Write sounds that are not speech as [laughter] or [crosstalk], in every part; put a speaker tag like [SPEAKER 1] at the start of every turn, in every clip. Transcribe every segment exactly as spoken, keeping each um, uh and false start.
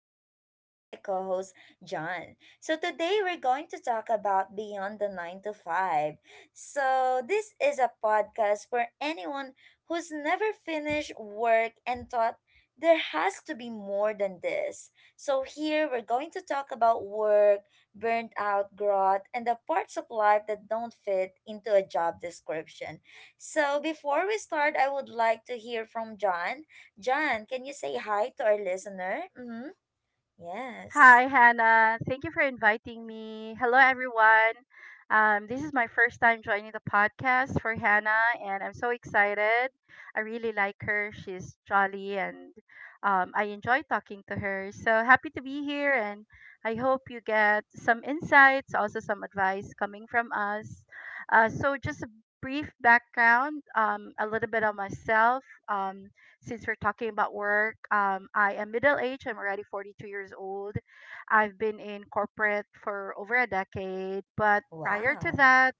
[SPEAKER 1] Hannah together with my co host John. So today we're going to talk about Beyond the nine to five. So this is a podcast for anyone who's never finished work and thought there has to be more than this. So here we're going to talk about work, burnt out, growth, and the parts of life that don't fit into a job description. So before we start, I would like to hear from John. John, can you say hi to our listener? Mm-hmm. Yes.
[SPEAKER 2] Hi, Hannah. Thank you for inviting me. Hello, everyone. Um, this is my first time joining the podcast for Hannah, and I'm so excited. I really like her. She's jolly, and um, I enjoy talking to her. So happy to be here, and I hope you get some insights, also some advice coming from us. Uh, so, just a brief background, um, a little bit on myself. Um, since we're talking about work, um, I am middle aged. I'm already forty-two years old. I've been in corporate for over a decade, but prior to
[SPEAKER 1] Wow.
[SPEAKER 2] that,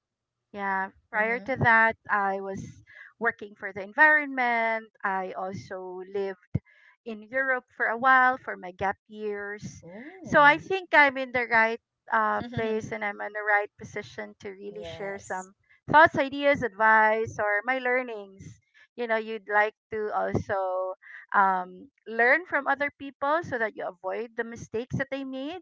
[SPEAKER 2] yeah, prior to
[SPEAKER 1] Mm-hmm.
[SPEAKER 2] that, I was working for the environment. I also lived in Europe for a while for my gap years. So I
[SPEAKER 1] Ooh.
[SPEAKER 2] think I'm in the right uh, place
[SPEAKER 1] [laughs]
[SPEAKER 2] and I'm in the right position to really share
[SPEAKER 1] Yes.
[SPEAKER 2] some thoughts, ideas, advice, or my learnings. You know, you'd like to also um, learn from other people so that you avoid the mistakes that they made.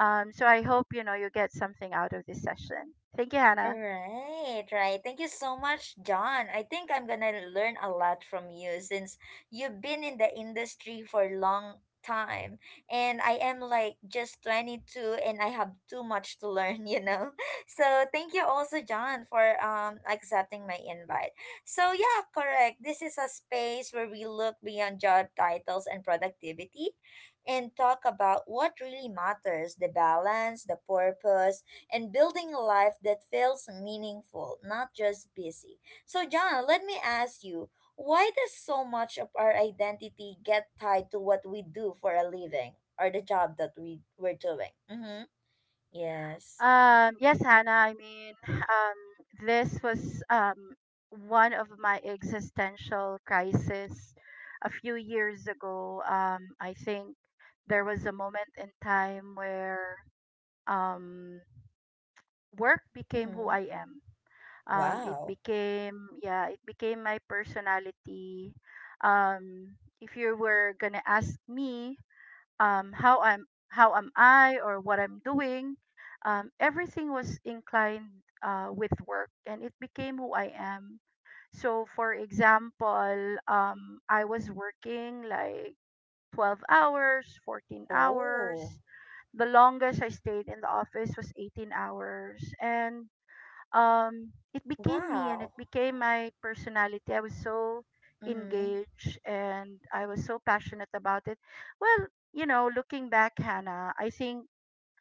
[SPEAKER 2] Um, so I hope, you know, you get something out of this session. Thank you, Hannah.
[SPEAKER 1] Right, right. Thank you so much, John. I think I'm gonna learn a lot from you since you've been in the industry for a long time. And I am like just twenty two and I have too much to learn, you know? [laughs] So thank you also, John, for um accepting my invite. So yeah, correct. This is a space where we look beyond job titles and productivity and talk about what really matters, the balance, the purpose, and building a life that feels meaningful, not just busy. So, John, let me ask you, why does so much of our identity get tied to what we do for a living or the job that we, we're doing? Mm-hmm. Yes.
[SPEAKER 2] Um, yes, Hannah. I mean, [laughs] um, this was um, one of my existential crisis a few years ago. Um, I think there was a moment in time where um, work became who
[SPEAKER 1] Mm-hmm.
[SPEAKER 2] I am. Um, it
[SPEAKER 1] Wow.
[SPEAKER 2] became, yeah, it became my personality. Um, if you were gonna ask me, um, how I'm how am I or what I'm doing. Um, everything was inclined uh, with work, and it became who I am. So, for example, um, I was working like twelve hours, fourteen
[SPEAKER 1] Oh.
[SPEAKER 2] hours. The longest I stayed in the office was eighteen hours, and um it became me and it
[SPEAKER 1] Wow.
[SPEAKER 2] became my personality. I was so
[SPEAKER 1] Mm-hmm.
[SPEAKER 2] engaged and I was so passionate about it. Well, you know, looking back, Hannah, I think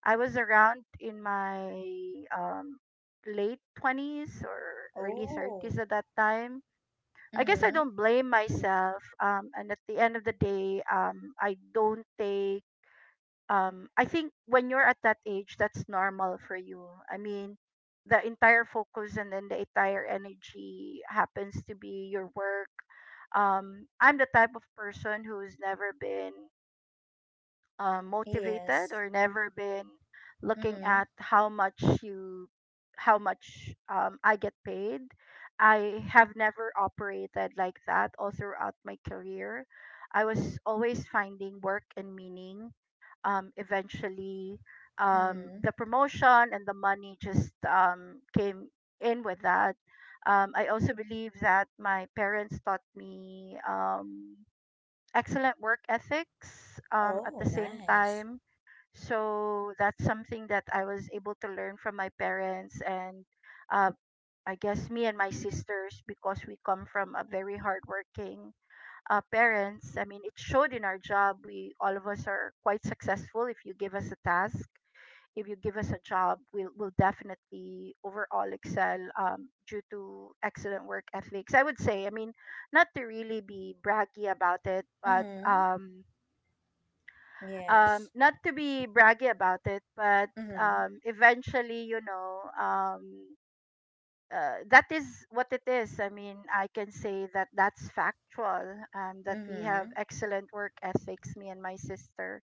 [SPEAKER 2] I was around in my um late twenties or early
[SPEAKER 1] Oh.
[SPEAKER 2] thirties at that time. I guess I
[SPEAKER 1] Mm-hmm.
[SPEAKER 2] don't blame myself. Um and at the end of the day, um I don't take. um I think when you're at that age, that's normal for you. I mean the entire focus and then the entire energy happens to be your work. Um I'm the type of person who's never been um, motivated
[SPEAKER 1] Yes.
[SPEAKER 2] or never been looking
[SPEAKER 1] Mm-hmm.
[SPEAKER 2] at how much you how much um, I get paid. I have never operated like that all throughout my career. I was always finding work and meaning. Um, eventually, um,
[SPEAKER 1] Mm-hmm.
[SPEAKER 2] the promotion and the money just um, came in with that. Um, I also believe that my parents taught me. Um, excellent work ethics um, at
[SPEAKER 1] Oh,
[SPEAKER 2] the same
[SPEAKER 1] nice.
[SPEAKER 2] time. So that's something that I was able to learn from my parents and uh, I guess me and my sisters because we come from a very hardworking uh, parents. I mean, it showed in our job. We all of us are quite successful. If you give us a task, if you give us a job, we'll we'll definitely overall excel um, due to excellent work ethics, I would say. I mean, not to really be braggy about it, but
[SPEAKER 1] Mm-hmm.
[SPEAKER 2] um, um
[SPEAKER 1] Yes.
[SPEAKER 2] not to be braggy about it, but
[SPEAKER 1] Mm-hmm.
[SPEAKER 2] um eventually, you know, um uh, that is what it is. I mean, I can say that that's factual, um that we have
[SPEAKER 1] Mm-hmm.
[SPEAKER 2] excellent work ethics, me and my sister.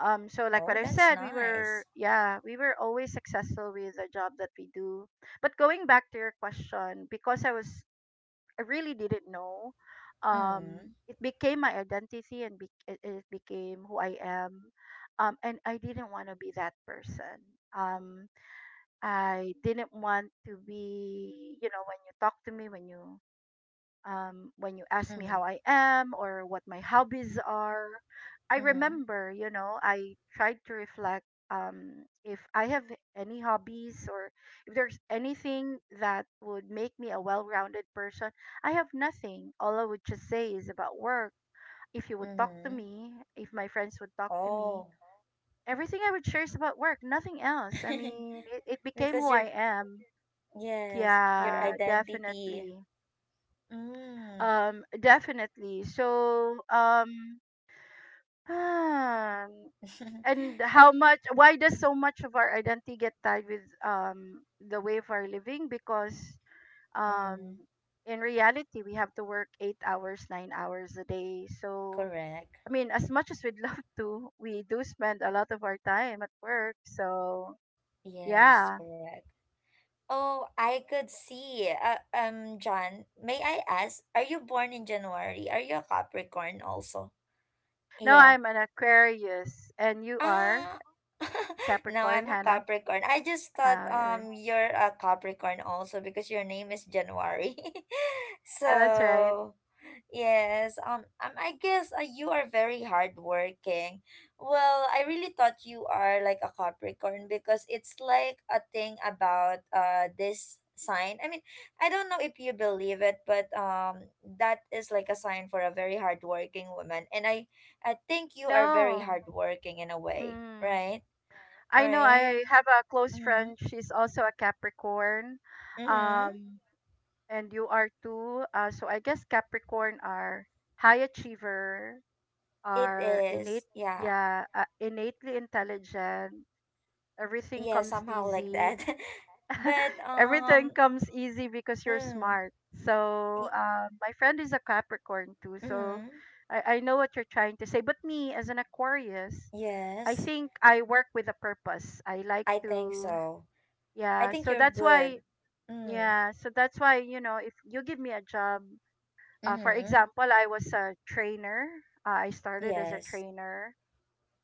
[SPEAKER 2] um So, like
[SPEAKER 1] Oh,
[SPEAKER 2] what I
[SPEAKER 1] that's
[SPEAKER 2] said, we were,
[SPEAKER 1] nice.
[SPEAKER 2] yeah, we were always successful with the job that we do. But going back to your question, because i was I really didn't know. Um,
[SPEAKER 1] Mhm.
[SPEAKER 2] it became my identity and be- it it became who I am. Um, and I didn't want to be that person. Um, I didn't want to be, you know, when you talk to me, when you um, when you ask me how
[SPEAKER 1] Mhm.
[SPEAKER 2] I am or what my hobbies are. I
[SPEAKER 1] Mhm.
[SPEAKER 2] remember, you know, I tried to reflect um, if I have any hobbies or if there's anything that would make me a well rounded person. I have nothing. All I would just say is about work. If you would talk to
[SPEAKER 1] Mhm.
[SPEAKER 2] me, if my friends would talk to me,
[SPEAKER 1] Oh.
[SPEAKER 2] everything I would share is about work, nothing else. I mean, it, it
[SPEAKER 1] [laughs]
[SPEAKER 2] became who
[SPEAKER 1] because your
[SPEAKER 2] I am.
[SPEAKER 1] yes, your
[SPEAKER 2] Yeah,
[SPEAKER 1] identity.
[SPEAKER 2] definitely.
[SPEAKER 1] Mm.
[SPEAKER 2] Um, definitely. So, um, [sighs] um, and
[SPEAKER 1] [laughs]
[SPEAKER 2] how
[SPEAKER 1] I-
[SPEAKER 2] much, why does so much of our identity get tied with um, the way of our living? Because um,
[SPEAKER 1] mm,
[SPEAKER 2] in reality, we have to work eight hours, nine hours a day. So,
[SPEAKER 1] correct.
[SPEAKER 2] I mean, as much as we'd [laughs] love to, we do spend a lot of our time at work. So,
[SPEAKER 1] Yes,
[SPEAKER 2] yeah.
[SPEAKER 1] correct. Oh, I could see. Uh, um, John, may I ask, are you born in January? Are you a Capricorn also?
[SPEAKER 2] No,
[SPEAKER 1] Yeah.
[SPEAKER 2] I'm an Aquarius, and you are
[SPEAKER 1] Ah, [laughs] no,
[SPEAKER 2] Capricorn,
[SPEAKER 1] I'm a
[SPEAKER 2] Hannah.
[SPEAKER 1] Capricorn. I just thought
[SPEAKER 2] Uh, yeah,
[SPEAKER 1] um you're a Capricorn also because your name is January. [laughs]
[SPEAKER 2] Yeah, that's right.
[SPEAKER 1] So, yes, um, um I guess uh, you are very hardworking. Well, I really thought you are like a Capricorn because it's like a thing about uh this sign. I mean, I don't know if you believe it, but um that is like a sign for a very hardworking woman. And I I think
[SPEAKER 2] I
[SPEAKER 1] you are very
[SPEAKER 2] know.
[SPEAKER 1] hardworking in a way,
[SPEAKER 2] Mm.
[SPEAKER 1] right?
[SPEAKER 2] I know
[SPEAKER 1] Right?
[SPEAKER 2] I have a close
[SPEAKER 1] Mm-hmm.
[SPEAKER 2] friend. She's also a Capricorn.
[SPEAKER 1] Mm-hmm.
[SPEAKER 2] Um, and you are too. Uh, so I guess Capricorn are high achiever,
[SPEAKER 1] It
[SPEAKER 2] are innate,
[SPEAKER 1] is. Yeah.
[SPEAKER 2] yeah, uh, innately intelligent. Everything
[SPEAKER 1] Yeah,
[SPEAKER 2] comes
[SPEAKER 1] somehow like
[SPEAKER 2] easy.
[SPEAKER 1] that. [laughs] But
[SPEAKER 2] [laughs] Everything
[SPEAKER 1] um
[SPEAKER 2] comes easy because you're
[SPEAKER 1] mm,
[SPEAKER 2] smart. So
[SPEAKER 1] y-
[SPEAKER 2] um, my friend is a Capricorn too. So
[SPEAKER 1] mm,
[SPEAKER 2] I, I know what you're trying to say. But me, as an Aquarius, I
[SPEAKER 1] yes,
[SPEAKER 2] think I work with a purpose. I like
[SPEAKER 1] I think
[SPEAKER 2] to,
[SPEAKER 1] so. I
[SPEAKER 2] yeah.
[SPEAKER 1] think
[SPEAKER 2] So
[SPEAKER 1] you're
[SPEAKER 2] that's
[SPEAKER 1] good.
[SPEAKER 2] why,
[SPEAKER 1] Mm.
[SPEAKER 2] yeah. So that's why, you know, if you give me a job, uh, for
[SPEAKER 1] Mm-hmm.
[SPEAKER 2] example, I was a trainer. Uh, I started as a
[SPEAKER 1] Yes.
[SPEAKER 2] trainer.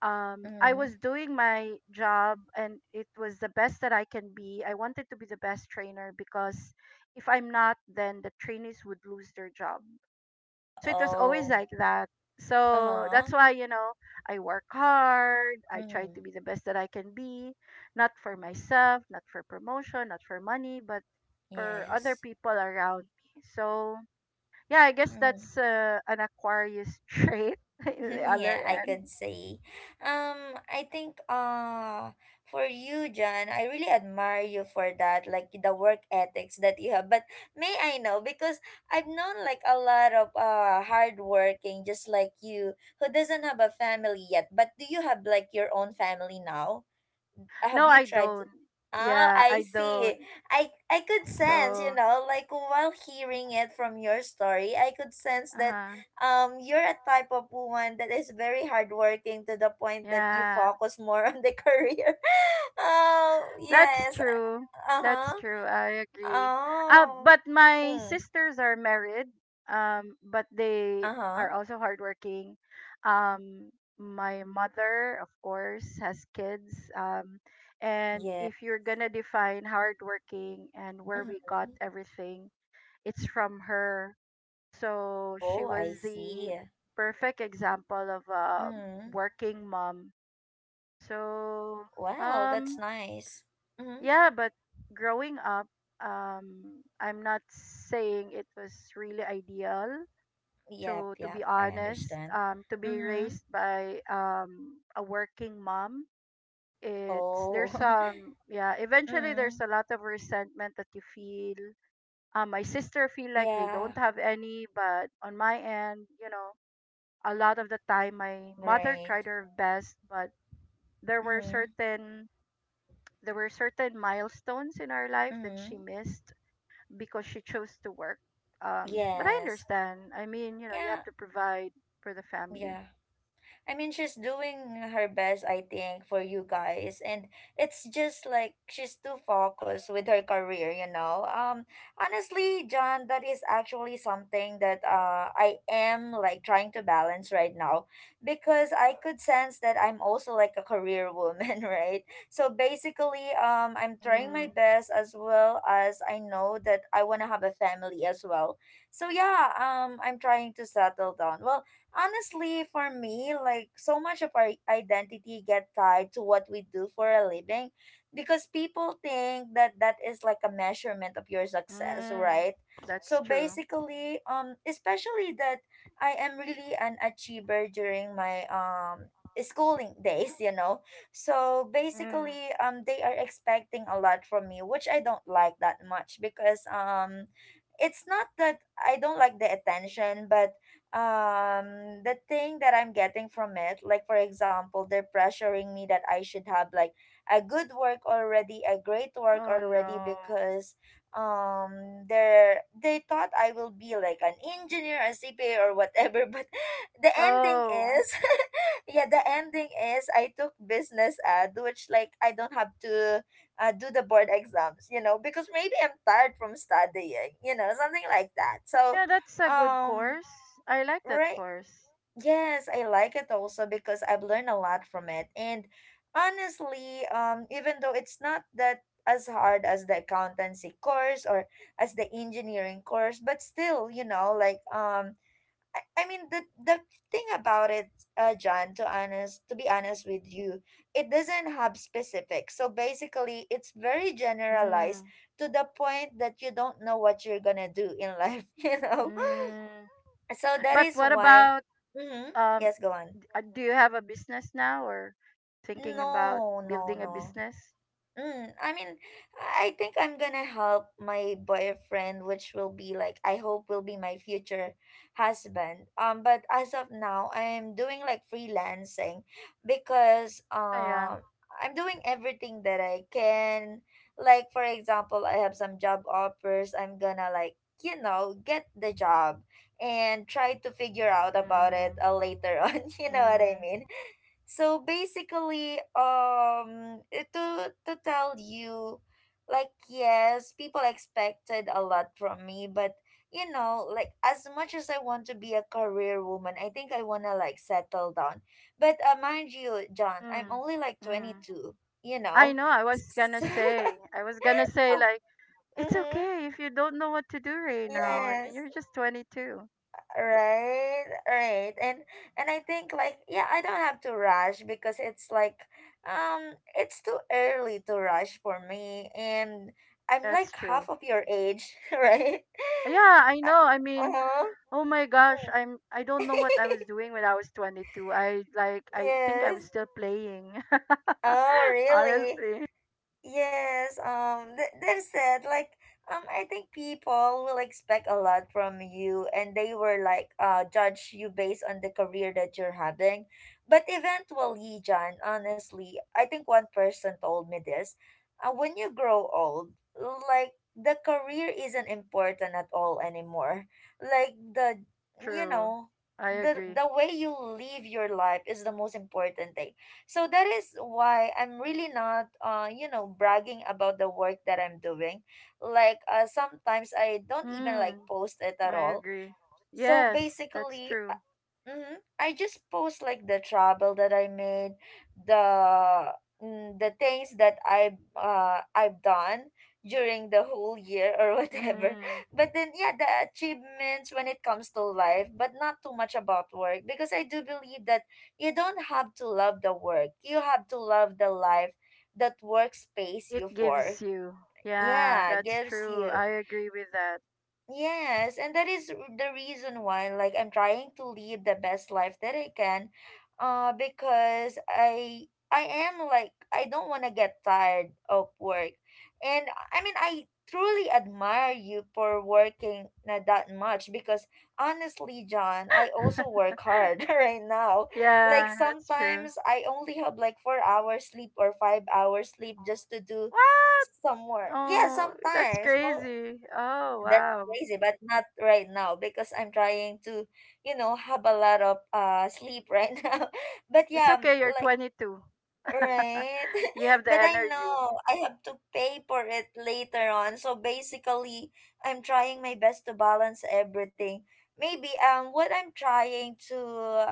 [SPEAKER 2] Um, I
[SPEAKER 1] Mm.
[SPEAKER 2] was doing my job and it was the best that I can be. I wanted to be the best trainer because if I'm not, then the trainees would lose their job.
[SPEAKER 1] [laughs]
[SPEAKER 2] So it was always
[SPEAKER 1] Oh.
[SPEAKER 2] like that. So
[SPEAKER 1] Uh-huh.
[SPEAKER 2] that's why, you know, I work hard. I try
[SPEAKER 1] Mm.
[SPEAKER 2] to be the best that I can be, not for myself, not for promotion, not for money, but for other
[SPEAKER 1] Yes.
[SPEAKER 2] people around me. So, yeah, I guess
[SPEAKER 1] Mm.
[SPEAKER 2] that's uh, an Aquarius [laughs] trait in the
[SPEAKER 1] [laughs]
[SPEAKER 2] other
[SPEAKER 1] Yeah, I
[SPEAKER 2] end.
[SPEAKER 1] could say. Um, I think uh for you, John, I really admire you for that, like the work ethics that you have. But may I know, because I've known like a lot of uh hardworking, just like you, who doesn't have a family yet. But do you have like your own family now? Have
[SPEAKER 2] No,
[SPEAKER 1] you
[SPEAKER 2] I
[SPEAKER 1] tried to—
[SPEAKER 2] don't.
[SPEAKER 1] Ah,
[SPEAKER 2] Yeah,
[SPEAKER 1] I
[SPEAKER 2] I don't.
[SPEAKER 1] see. I I could sense,
[SPEAKER 2] So,
[SPEAKER 1] you know, like while hearing it from your story, I could sense
[SPEAKER 2] uh
[SPEAKER 1] that
[SPEAKER 2] huh.
[SPEAKER 1] um you're a type of woman that is very hardworking to the point that you
[SPEAKER 2] Yeah.
[SPEAKER 1] focus more on the [laughs] career. Oh,
[SPEAKER 2] That's
[SPEAKER 1] yes.
[SPEAKER 2] true. That's
[SPEAKER 1] Uh-huh.
[SPEAKER 2] true. I agree. Uh,
[SPEAKER 1] Oh.
[SPEAKER 2] but my
[SPEAKER 1] Mm.
[SPEAKER 2] sisters are married. Um, but they are
[SPEAKER 1] Uh-huh.
[SPEAKER 2] also hardworking. Um, my mother, of course, has kids. Um, and
[SPEAKER 1] Yeah.
[SPEAKER 2] if you're gonna define hardworking and where we
[SPEAKER 1] Mhm.
[SPEAKER 2] got everything, it's from her. So she
[SPEAKER 1] Oh,
[SPEAKER 2] was
[SPEAKER 1] I
[SPEAKER 2] the
[SPEAKER 1] see.
[SPEAKER 2] perfect example of a
[SPEAKER 1] Mm.
[SPEAKER 2] working mom. So
[SPEAKER 1] Well, that's
[SPEAKER 2] um
[SPEAKER 1] nice. Mm.
[SPEAKER 2] yeah, but growing up, um, I'm not saying it was really ideal.
[SPEAKER 1] Yep,
[SPEAKER 2] To to
[SPEAKER 1] yep.
[SPEAKER 2] be
[SPEAKER 1] I
[SPEAKER 2] honest,
[SPEAKER 1] understand.
[SPEAKER 2] um, to be
[SPEAKER 1] Mm.
[SPEAKER 2] raised by um a working mom, it's there's
[SPEAKER 1] Oh. [laughs]
[SPEAKER 2] um yeah. Eventually, there's
[SPEAKER 1] Mm.
[SPEAKER 2] a lot of resentment that you feel. Um, my sister feel like they
[SPEAKER 1] Yeah.
[SPEAKER 2] don't have any, but on my end, you know, a lot of the time, my mother tried
[SPEAKER 1] Right.
[SPEAKER 2] her best, but there were
[SPEAKER 1] Mm.
[SPEAKER 2] certain there were certain milestones in our life that
[SPEAKER 1] Mm.
[SPEAKER 2] she missed because she chose to work. Um, but I
[SPEAKER 1] Yes.
[SPEAKER 2] understand. I mean, you know, you have
[SPEAKER 1] Yeah.
[SPEAKER 2] to provide for the family.
[SPEAKER 1] Yeah. I mean, she's doing her best, I think, for you guys, and it's just like she's too focused with her career, you know. Um, honestly, John, that is actually something that uh I am like trying to balance right now because I could sense that I'm also like a career woman, [laughs] right? So basically, um, I'm trying my
[SPEAKER 2] Mm,
[SPEAKER 1] best as well as I know that I want to have a family as well. So yeah, um, I'm trying to settle down. Well, honestly, for me, like so much of our identity get tied to what we do for a living because people think that that is like a measurement of your success,
[SPEAKER 2] mm,
[SPEAKER 1] right?
[SPEAKER 2] that's
[SPEAKER 1] So
[SPEAKER 2] true.
[SPEAKER 1] basically, um especially that I am really an achiever during my um schooling [laughs] days, you know. So
[SPEAKER 2] Mm.
[SPEAKER 1] basically, um they are expecting a lot from me, which I don't like that much because um it's not that I don't like the attention, but um, the thing that I'm getting from it, like for example, they're pressuring me that I should have like a good work already, a great work
[SPEAKER 2] Oh
[SPEAKER 1] already,
[SPEAKER 2] no.
[SPEAKER 1] because um, they're they thought I will be like an engineer, a C P A, or whatever. [laughs] But the ending
[SPEAKER 2] Oh.
[SPEAKER 1] is, [laughs] yeah, the ending is I took business ad, which like I don't have to uh, do the board exams, you know, because maybe I'm tired from studying, you know, something like that.
[SPEAKER 2] Oh
[SPEAKER 1] So,
[SPEAKER 2] yeah, that's a good
[SPEAKER 1] um,
[SPEAKER 2] course. I like that
[SPEAKER 1] right.
[SPEAKER 2] course.
[SPEAKER 1] Yes, I like it also because I've learned a lot from it. And honestly, um, even though it's not that as hard as the accountancy course or as the engineering course, but still, you know, like, um, I, I mean the the thing about it, uh, John, to honest to be honest with you, it doesn't have specifics. So basically it's very generalized
[SPEAKER 2] Mm,
[SPEAKER 1] to the point that you don't know what you're gonna do in life, [laughs] you know?
[SPEAKER 2] mm.
[SPEAKER 1] So that
[SPEAKER 2] But
[SPEAKER 1] is
[SPEAKER 2] what
[SPEAKER 1] why—
[SPEAKER 2] about
[SPEAKER 1] Mm-hmm.
[SPEAKER 2] um?
[SPEAKER 1] Yes, go on.
[SPEAKER 2] uh, Do you have a business now or thinking about
[SPEAKER 1] No, no,
[SPEAKER 2] building a
[SPEAKER 1] no.
[SPEAKER 2] business?
[SPEAKER 1] Mm, I mean, I think I'm gonna help my boyfriend, which will be like I hope will be my future husband. Um, but as of now, I'm doing like freelancing because
[SPEAKER 2] Oh yeah.
[SPEAKER 1] um I'm doing everything that I can. Like for example, I have some job offers. I'm gonna like you know get the job and try to figure out about it
[SPEAKER 2] Mm,
[SPEAKER 1] uh, later [laughs] on. You know what I
[SPEAKER 2] mm,
[SPEAKER 1] mean? So basically, um, eh, to to tell you, like yes, people expected a lot from me, but you know, like as much as I want to be a career woman, I think I wanna like settle down. But uh, mind you, John, I'm
[SPEAKER 2] mm,
[SPEAKER 1] only like twenty
[SPEAKER 2] mm.
[SPEAKER 1] two. You
[SPEAKER 2] I
[SPEAKER 1] know,
[SPEAKER 2] know. I
[SPEAKER 1] [laughs]
[SPEAKER 2] was gonna
[SPEAKER 1] so,
[SPEAKER 2] say. I was gonna say, like
[SPEAKER 1] [laughs]
[SPEAKER 2] it's
[SPEAKER 1] mhm,
[SPEAKER 2] okay if you don't know what to do right now. I mean,
[SPEAKER 1] yes.
[SPEAKER 2] you're just twenty-two.
[SPEAKER 1] right right and and I think like yeah I don't have to rush because it's like um it's too early to rush for me and I'm
[SPEAKER 2] That's
[SPEAKER 1] like half
[SPEAKER 2] true.
[SPEAKER 1] of your age [laughs] right
[SPEAKER 2] Yeah, I know. I mean,
[SPEAKER 1] uh-huh
[SPEAKER 2] oh my gosh, I'm I don't know what I was
[SPEAKER 1] [laughs]
[SPEAKER 2] doing when I was twenty-two. I like I think I
[SPEAKER 1] yes
[SPEAKER 2] was still playing.
[SPEAKER 1] oh
[SPEAKER 2] [laughs]
[SPEAKER 1] really.
[SPEAKER 2] Honestly.
[SPEAKER 1] Yes, um, th- that's it. Like, um, I think people will expect a lot from you, and they will like uh judge you based on the career that you're having. But eventually, John, honestly, I think one person told me this. Uh, when you grow old, like the career isn't important at all anymore. Like the, you
[SPEAKER 2] True.
[SPEAKER 1] know,
[SPEAKER 2] I
[SPEAKER 1] the
[SPEAKER 2] agree.
[SPEAKER 1] the way you live your life is the most important, so that is why I'm really not, uh, you know, bragging about the work that I'm doing. Like, uh, sometimes I don't even like
[SPEAKER 2] Hmm,
[SPEAKER 1] post it at
[SPEAKER 2] I
[SPEAKER 1] all.
[SPEAKER 2] agree.
[SPEAKER 1] So
[SPEAKER 2] Yes, that's
[SPEAKER 1] basically,
[SPEAKER 2] true.
[SPEAKER 1] mm-hmm. I just post like the travel that I made, the mm, the things that I've uh I've done during the whole year or [laughs] whatever.
[SPEAKER 2] Mm,
[SPEAKER 1] But then yeah, the achievements when it comes to life, but not too much about work because I do believe that you don't have to love the work. You have to love the life that workspace
[SPEAKER 2] it
[SPEAKER 1] you for.
[SPEAKER 2] gives you. Yeah,
[SPEAKER 1] Yeah,
[SPEAKER 2] that's
[SPEAKER 1] gives
[SPEAKER 2] true.
[SPEAKER 1] you.
[SPEAKER 2] I agree with
[SPEAKER 1] Yes, and that is r- the reason why, like, I'm trying to live the best life that I can, uh, because I I am like I don't want to get tired of work, and I mean I truly admire you for working not that much because honestly, John, I
[SPEAKER 2] that.
[SPEAKER 1] also
[SPEAKER 2] [laughs]
[SPEAKER 1] work hard [laughs] right now. Like
[SPEAKER 2] Yeah, that's true.
[SPEAKER 1] sometimes I only have like four hours sleep or five hours sleep just to do
[SPEAKER 2] What?
[SPEAKER 1] some work. Yeah,
[SPEAKER 2] Oh, that's
[SPEAKER 1] sometimes. Mo—
[SPEAKER 2] crazy. Oh,
[SPEAKER 1] that's
[SPEAKER 2] wow.
[SPEAKER 1] crazy, but not right now because I'm trying to, you know, have a lot of uh sleep right [laughs] now. But
[SPEAKER 2] It's
[SPEAKER 1] yeah, m-
[SPEAKER 2] okay, you're
[SPEAKER 1] like—
[SPEAKER 2] twenty-two. [laughs]
[SPEAKER 1] Right.
[SPEAKER 2] You
[SPEAKER 1] [laughs]
[SPEAKER 2] have the
[SPEAKER 1] But I
[SPEAKER 2] energy.
[SPEAKER 1] know I have to pay for it later on. So basically, I'm trying my best to balance everything. Maybe um what I'm trying to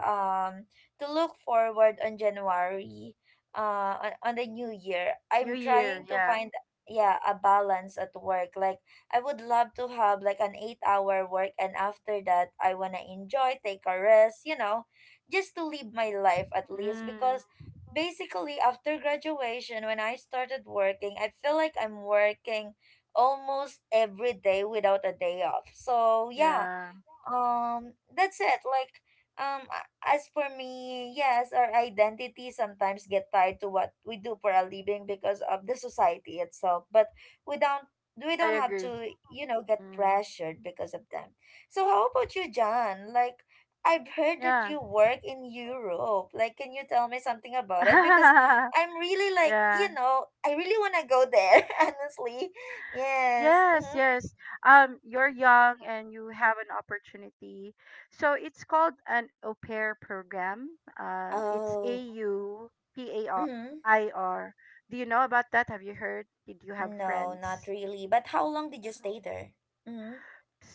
[SPEAKER 1] um to look forward on January, uh on, on the new year.
[SPEAKER 2] New
[SPEAKER 1] I'm
[SPEAKER 2] year,
[SPEAKER 1] trying to
[SPEAKER 2] yeah.
[SPEAKER 1] find yeah, a balance at work. Like I would love to have like an eight-hour work and after that I want to enjoy, take a rest, you know, just to live my life at least
[SPEAKER 2] Mm,
[SPEAKER 1] because basically after graduation when I started working I feel like I'm working almost every day without a day off so yeah
[SPEAKER 2] yeah,
[SPEAKER 1] um that's it like um a- as for me yes our identity sometimes get tied to what we do for a living because of the society itself but we don't we
[SPEAKER 2] I
[SPEAKER 1] don't have
[SPEAKER 2] agree.
[SPEAKER 1] to you know get
[SPEAKER 2] Mm,
[SPEAKER 1] pressured because of them so how about you john like I've heard that
[SPEAKER 2] yeah.
[SPEAKER 1] you work in europe like can you tell me something about it because
[SPEAKER 2] [laughs]
[SPEAKER 1] I'm really like
[SPEAKER 2] Yeah,
[SPEAKER 1] you know I really want to go there [laughs] honestly yes
[SPEAKER 2] yes,
[SPEAKER 1] mm-hmm.
[SPEAKER 2] yes. Um, you're young and you have an opportunity. So it's called an au pair program. Um, it's A
[SPEAKER 1] Oh.
[SPEAKER 2] U P A R I R. Do you know about that? Have you heard? Did you have
[SPEAKER 1] No, not
[SPEAKER 2] friends?
[SPEAKER 1] really. But how long did you stay there? Mm-hmm.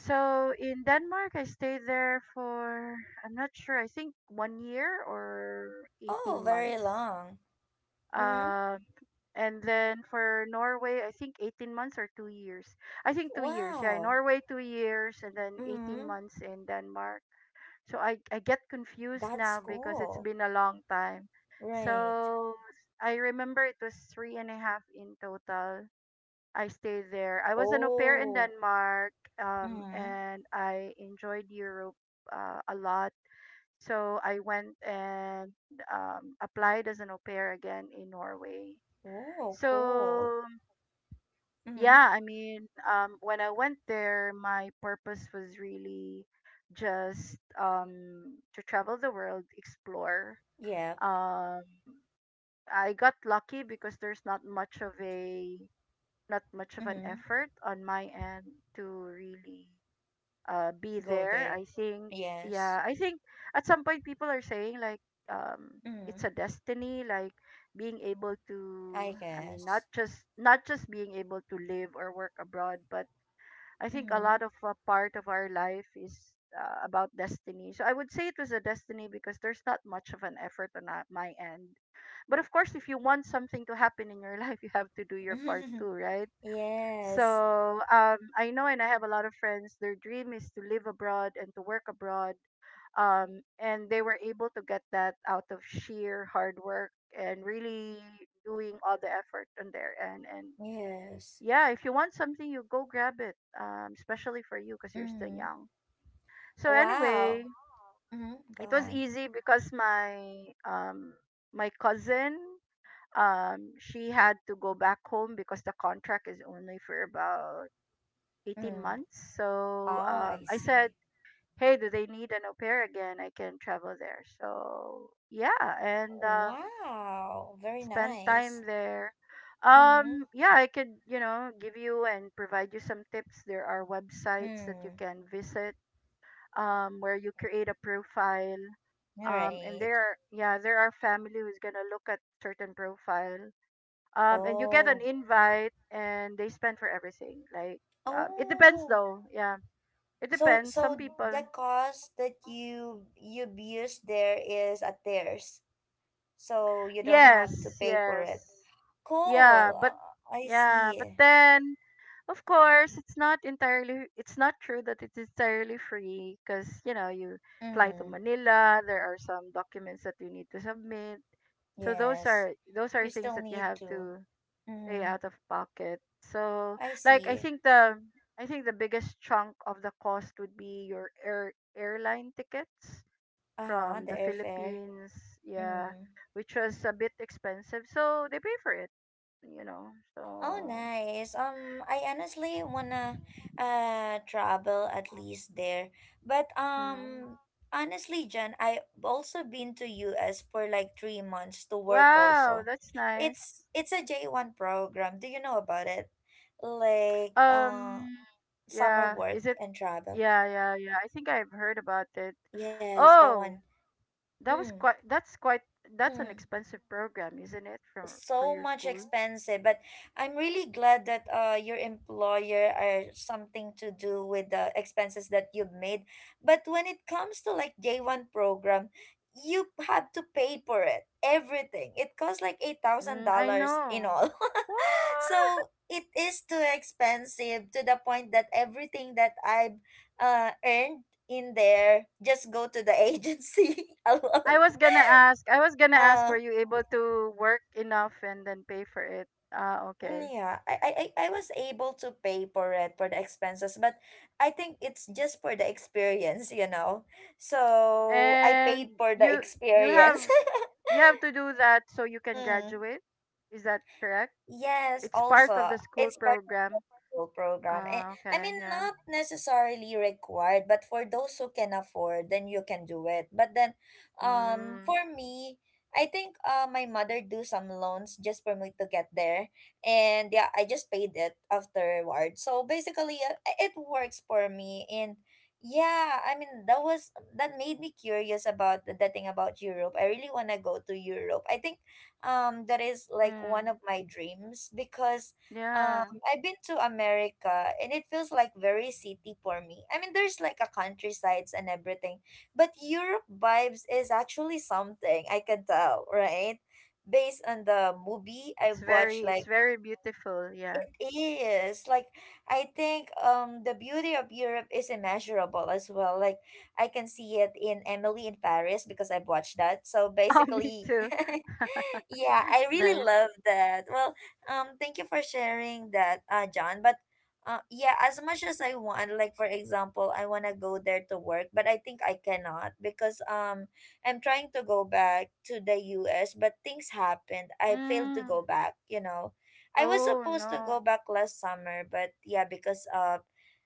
[SPEAKER 2] So in Denmark, I stayed there for, I'm not sure, I think one year or
[SPEAKER 1] Oh,
[SPEAKER 2] eighteen
[SPEAKER 1] very
[SPEAKER 2] months.
[SPEAKER 1] long. Mm-hmm.
[SPEAKER 2] Um, And then for Norway, I think eighteen months or two years. I think two years. Yeah, in
[SPEAKER 1] Wow.
[SPEAKER 2] Norway, two years, and then eighteen
[SPEAKER 1] Mm-hmm.
[SPEAKER 2] months in Denmark. So I, I get confused
[SPEAKER 1] That's
[SPEAKER 2] now because it's
[SPEAKER 1] cool.
[SPEAKER 2] been a long time.
[SPEAKER 1] Right.
[SPEAKER 2] So I remember it was three and a half in total. I stayed there. I was an au pair in
[SPEAKER 1] Oh.
[SPEAKER 2] Denmark, um,
[SPEAKER 1] Mm-hmm.
[SPEAKER 2] and I enjoyed Europe uh, a lot. So I went and um, applied as an au pair again in Norway.
[SPEAKER 1] Oh, cool.
[SPEAKER 2] So
[SPEAKER 1] Mm-hmm.
[SPEAKER 2] yeah, I mean, um, when I went there, my purpose was really just um, to travel the world, explore.
[SPEAKER 1] Yep.
[SPEAKER 2] Um, I got lucky because there's not much of a not much of an
[SPEAKER 1] Mm-hmm.
[SPEAKER 2] effort on my end to really uh, be
[SPEAKER 1] Go
[SPEAKER 2] there.
[SPEAKER 1] there.
[SPEAKER 2] I think,
[SPEAKER 1] Yes.
[SPEAKER 2] yeah, I think at some point people are saying, like, um, it's
[SPEAKER 1] Mm-hmm.
[SPEAKER 2] a destiny, like being able
[SPEAKER 1] I
[SPEAKER 2] to — I mean, not
[SPEAKER 1] guess.
[SPEAKER 2] just not just being able to live or work abroad, but I think a
[SPEAKER 1] Mm-hmm.
[SPEAKER 2] lot of uh, part of our life is uh, about destiny. So I would say it was a destiny because there's not much of an effort on uh, my end. But of course, if you want something to happen in your [laughs] life, you have to do your part too,
[SPEAKER 1] [laughs]
[SPEAKER 2] right?
[SPEAKER 1] Yes.
[SPEAKER 2] So um, I know, and I have a lot of friends. Their dream is to live abroad and to work abroad, um, and they were able to get that out of sheer hard work and really doing all the effort on their end. And
[SPEAKER 1] Yes.
[SPEAKER 2] yeah, if you want something, you go grab it, um, especially for you because you're still
[SPEAKER 1] Mm-hmm.
[SPEAKER 2] young. So anyway,
[SPEAKER 1] Wow. Mm-hmm. Go
[SPEAKER 2] it was
[SPEAKER 1] on.
[SPEAKER 2] easy because my um, my cousin, um, she had to go back home because the contract is only for about eighteen
[SPEAKER 1] Mm.
[SPEAKER 2] months. So
[SPEAKER 1] Oh,
[SPEAKER 2] um,
[SPEAKER 1] I
[SPEAKER 2] I said,
[SPEAKER 1] see.
[SPEAKER 2] hey, do they need an au pair again? I can travel there. So yeah, and um,
[SPEAKER 1] Wow, very
[SPEAKER 2] spend
[SPEAKER 1] nice.
[SPEAKER 2] time there.
[SPEAKER 1] Mm.
[SPEAKER 2] Um, yeah, I could, you know, give you and provide you some tips. There are websites that you
[SPEAKER 1] Mm.
[SPEAKER 2] can visit, um, where you create a profile.
[SPEAKER 1] All
[SPEAKER 2] Um, and
[SPEAKER 1] right.
[SPEAKER 2] there are, yeah, there are family who's gonna look at certain profile. Um, and you get an
[SPEAKER 1] Oh.
[SPEAKER 2] invite and they spend for everything. Like, um, it depends
[SPEAKER 1] Oh.
[SPEAKER 2] though. Yeah, it
[SPEAKER 1] So
[SPEAKER 2] depends.
[SPEAKER 1] so
[SPEAKER 2] Some people,
[SPEAKER 1] the cost that you you've used there is at theirs. So you don't have to
[SPEAKER 2] yes,
[SPEAKER 1] pay for
[SPEAKER 2] yes,
[SPEAKER 1] it. Cool.
[SPEAKER 2] yeah, but
[SPEAKER 1] Uh, I
[SPEAKER 2] yeah,
[SPEAKER 1] see.
[SPEAKER 2] but then, of course, it's not entirely it's not true that it's entirely free because you know you fly to
[SPEAKER 1] Mm.
[SPEAKER 2] Manila. There are some documents that you need to submit. So those
[SPEAKER 1] Yes.
[SPEAKER 2] are those are
[SPEAKER 1] You
[SPEAKER 2] things
[SPEAKER 1] still
[SPEAKER 2] that you
[SPEAKER 1] need
[SPEAKER 2] have
[SPEAKER 1] to.
[SPEAKER 2] to pay
[SPEAKER 1] Mm.
[SPEAKER 2] out of pocket. So,
[SPEAKER 1] I
[SPEAKER 2] like, I
[SPEAKER 1] see.
[SPEAKER 2] think the I think the biggest chunk of the cost would be your air airline tickets
[SPEAKER 1] Uh-huh,
[SPEAKER 2] from
[SPEAKER 1] the
[SPEAKER 2] the
[SPEAKER 1] airfare.
[SPEAKER 2] Philippines, yeah,
[SPEAKER 1] Mm.
[SPEAKER 2] which was a bit expensive. So they pay for it, you know.
[SPEAKER 1] Oh,
[SPEAKER 2] So,
[SPEAKER 1] nice. Um, I honestly wanna uh travel at least there. But
[SPEAKER 2] hmm.
[SPEAKER 1] um honestly, Jen, I've also been to U S for like three months to work
[SPEAKER 2] Wow,
[SPEAKER 1] also.
[SPEAKER 2] that's
[SPEAKER 1] It's
[SPEAKER 2] nice.
[SPEAKER 1] it's a J one program. Do you know about it? Like uh
[SPEAKER 2] Um,
[SPEAKER 1] summer
[SPEAKER 2] yeah,
[SPEAKER 1] work
[SPEAKER 2] is it?
[SPEAKER 1] and travel.
[SPEAKER 2] Yeah, yeah, yeah. I think I've heard about it.
[SPEAKER 1] Yes, that one.
[SPEAKER 2] Oh, that
[SPEAKER 1] Mm,
[SPEAKER 2] was quite — that's quite — that's an
[SPEAKER 1] mm.
[SPEAKER 2] expensive program, isn't it, for for
[SPEAKER 1] So
[SPEAKER 2] your
[SPEAKER 1] much
[SPEAKER 2] school?
[SPEAKER 1] expensive, but I'm really glad that uh your employer are something to do with the expenses that you've made. But when it comes to like J one program, you have to pay for it. Everything it costs like eight thousand
[SPEAKER 2] Mm, I
[SPEAKER 1] dollars in
[SPEAKER 2] know.
[SPEAKER 1] all. [laughs]
[SPEAKER 2] What?
[SPEAKER 1] So it is too expensive to the point that everything that I've uh earned in there just go to the [laughs] agency
[SPEAKER 2] I
[SPEAKER 1] alone.
[SPEAKER 2] was gonna ask. I was gonna ask.
[SPEAKER 1] Uh,
[SPEAKER 2] Were you able to work enough and then pay for it? Ah,
[SPEAKER 1] Mm,
[SPEAKER 2] okay.
[SPEAKER 1] Yeah, I, I I I was able to pay for it for the expenses, but I think it's just for the experience, you know. So I paid
[SPEAKER 2] And
[SPEAKER 1] for the
[SPEAKER 2] you you have
[SPEAKER 1] experience. [laughs]
[SPEAKER 2] you have to do that so you can
[SPEAKER 1] Mm.
[SPEAKER 2] graduate. Is that correct?
[SPEAKER 1] Yes,
[SPEAKER 2] It's part of
[SPEAKER 1] also
[SPEAKER 2] the school
[SPEAKER 1] it's part
[SPEAKER 2] program.
[SPEAKER 1] school program. And
[SPEAKER 2] Ah,
[SPEAKER 1] I
[SPEAKER 2] okay,
[SPEAKER 1] mean,
[SPEAKER 2] yeah.
[SPEAKER 1] not necessarily required, but for those who can afford, then you can do it. But then, um,
[SPEAKER 2] Mm,
[SPEAKER 1] for me, I think uh, my mother do some loans just for me to get there, and yeah, I just paid it afterward. So basically, uh, it works for me, and yeah, I mean that was that made me curious about the, the thing about Europe. I really wanna go to Europe. I think um that is like one
[SPEAKER 2] mm,
[SPEAKER 1] of my dreams because um.
[SPEAKER 2] yeah.
[SPEAKER 1] I've been to America and it feels like very city for me. I mean, there's like a countrysides and everything, but Europe vibes is actually something I can tell, right? Based on the movie
[SPEAKER 2] It's
[SPEAKER 1] I've watched,
[SPEAKER 2] very, it's
[SPEAKER 1] like
[SPEAKER 2] very beautiful. Yeah.
[SPEAKER 1] it is like I think um the beauty of Europe is immeasurable as well. Like I can see it in Emily in Paris because I've watched that. So
[SPEAKER 2] [laughs] Oh, me
[SPEAKER 1] basically, [laughs]
[SPEAKER 2] too. [laughs]
[SPEAKER 1] yeah, I
[SPEAKER 2] It's
[SPEAKER 1] really
[SPEAKER 2] nice.
[SPEAKER 1] love that. Well, um, thank you for sharing that, uh, John. But uh, yeah, as much as I want, like for example, I wanna go there to work, but I think I cannot because um, I'm trying to go back to the U S, but things happened. I failed to
[SPEAKER 2] Mm.
[SPEAKER 1] go back. You know, I was
[SPEAKER 2] Oh
[SPEAKER 1] supposed to go
[SPEAKER 2] no,
[SPEAKER 1] back last summer, but yeah, because of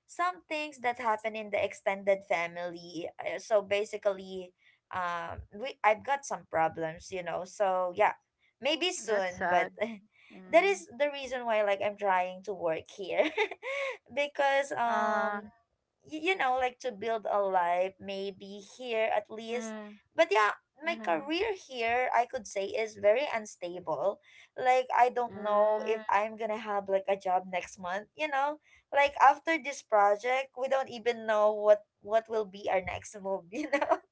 [SPEAKER 1] some things that happened in the extended family. uh, So basically, um we I've got some problems, you know. So yeah, maybe
[SPEAKER 2] that's
[SPEAKER 1] soon but
[SPEAKER 2] sad.
[SPEAKER 1] [laughs] that
[SPEAKER 2] Mm.
[SPEAKER 1] is the reason why like I'm trying to work here [laughs] because
[SPEAKER 2] Uh,
[SPEAKER 1] um y- you know, like to build a life maybe here at least.
[SPEAKER 2] mm,
[SPEAKER 1] But yeah, my
[SPEAKER 2] mm,
[SPEAKER 1] career here I could say is very unstable. Like I don't know if
[SPEAKER 2] mm.
[SPEAKER 1] I'm gonna have like a job next month, you know, like after this project. We don't even know what what will be our next move. [laughs] You know,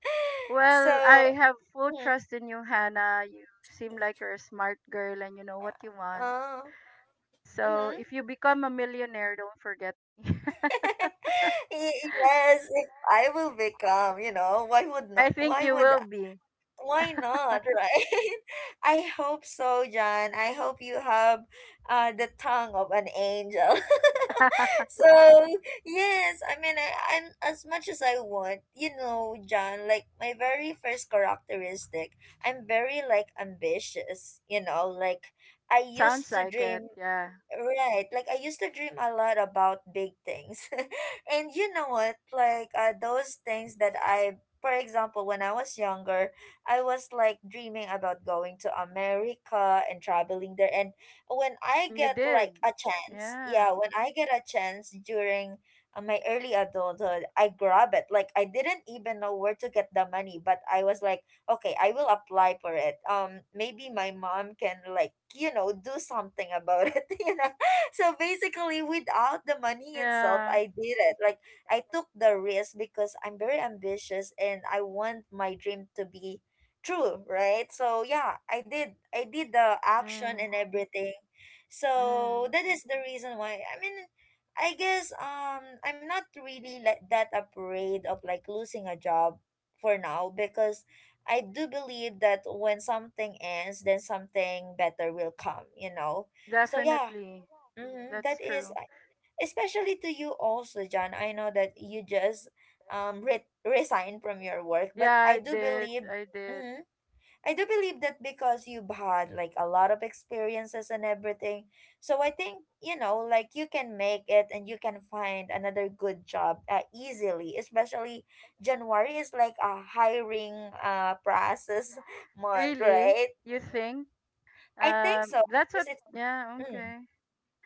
[SPEAKER 2] Well,
[SPEAKER 1] so
[SPEAKER 2] I have full
[SPEAKER 1] mm,
[SPEAKER 2] trust in you, Hannah. You seem like you're a smart girl and you know what you want.
[SPEAKER 1] uh,
[SPEAKER 2] So
[SPEAKER 1] mm-hmm.
[SPEAKER 2] if you become a millionaire, don't forget. [laughs]
[SPEAKER 1] [laughs] Y- yes, if I will become, you know, why would not?
[SPEAKER 2] I think
[SPEAKER 1] Why
[SPEAKER 2] you
[SPEAKER 1] would?
[SPEAKER 2] will be.
[SPEAKER 1] Why not? Right? [laughs] I hope so, John. I hope you have uh, the tongue of an angel.
[SPEAKER 2] [laughs]
[SPEAKER 1] [laughs] So yes, I mean, I, I'm as much as I want, you know, John. Like my very first characteristic, I'm very like ambitious. You know, like I used
[SPEAKER 2] Sounds
[SPEAKER 1] to
[SPEAKER 2] like it.
[SPEAKER 1] dream.
[SPEAKER 2] Yeah.
[SPEAKER 1] Right. Like I used to dream a lot about big things. [laughs] And you know what? Like uh, those things that I for example, when I was younger, I was like dreaming about going to America and traveling there. And when I
[SPEAKER 2] And you
[SPEAKER 1] get
[SPEAKER 2] did.
[SPEAKER 1] like a chance,
[SPEAKER 2] Yeah.
[SPEAKER 1] yeah, when I get a chance during uh, my early adulthood, I grab it. Like I didn't even know where to get the money, but I was like, okay, I will apply for it. Um maybe my mom can like, you know, do something about it. [laughs] You know, so basically without the money itself,
[SPEAKER 2] Yeah.
[SPEAKER 1] I did it. Like I took the risk because I'm very ambitious and I want my dream to be true, right? So yeah, i did I did the action
[SPEAKER 2] Mm.
[SPEAKER 1] and everything.
[SPEAKER 2] Mm.
[SPEAKER 1] So that is the reason why, I mean, I guess um I'm not really like that afraid of like losing a job for now, because I do believe that when something ends, then something better will come, you know? So, yeah,
[SPEAKER 2] Definitely.
[SPEAKER 1] mm-hmm, that
[SPEAKER 2] That's
[SPEAKER 1] is,
[SPEAKER 2] true.
[SPEAKER 1] uh, especially to you also, John. I know that you just um, re- resigned from your work, but
[SPEAKER 2] Yeah,
[SPEAKER 1] I
[SPEAKER 2] I
[SPEAKER 1] do
[SPEAKER 2] did.
[SPEAKER 1] believe.
[SPEAKER 2] I did.
[SPEAKER 1] Mhm, I do believe that because you've had like a lot of experiences and everything. So I think, you know, like you can make it and you can find another good job uh, easily, especially January is like a hiring uh process [laughs] month,
[SPEAKER 2] Really?
[SPEAKER 1] right?
[SPEAKER 2] You think?
[SPEAKER 1] I think
[SPEAKER 2] Um
[SPEAKER 1] so
[SPEAKER 2] that's
[SPEAKER 1] because
[SPEAKER 2] what
[SPEAKER 1] it's
[SPEAKER 2] yeah,
[SPEAKER 1] mm,
[SPEAKER 2] okay.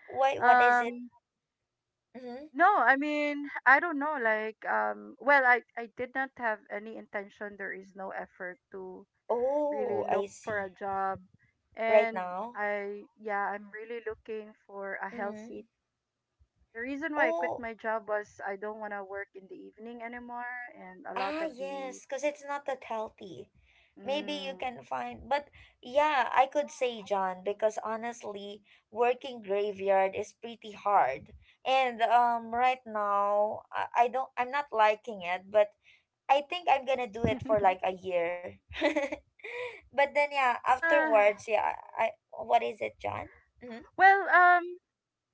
[SPEAKER 1] wait, what is it?
[SPEAKER 2] Um
[SPEAKER 1] Mm-hmm.
[SPEAKER 2] no, I mean, I don't know, like, um well, I I did not have any intention. There is no effort to
[SPEAKER 1] Oh,
[SPEAKER 2] really look
[SPEAKER 1] I
[SPEAKER 2] for a
[SPEAKER 1] see.
[SPEAKER 2] job,
[SPEAKER 1] Right
[SPEAKER 2] and
[SPEAKER 1] now.
[SPEAKER 2] i yeah i'm really looking for a
[SPEAKER 1] Mm-hmm.
[SPEAKER 2] healthy — the reason why I quit
[SPEAKER 1] Oh,
[SPEAKER 2] my job was I don't want to work in the evening anymore, and a lot
[SPEAKER 1] ah,
[SPEAKER 2] of the
[SPEAKER 1] yes, because it's not that healthy. Maybe you
[SPEAKER 2] mm,
[SPEAKER 1] can find, but yeah, I could say John because honestly, working graveyard is pretty hard. And um, right now, I, I don't, I'm not liking it, but I think I'm gonna do it
[SPEAKER 2] [laughs]
[SPEAKER 1] for like a year. [laughs] But then yeah,
[SPEAKER 2] uh,
[SPEAKER 1] afterwards, yeah, I, what is it, John? Mm-hmm,
[SPEAKER 2] well, um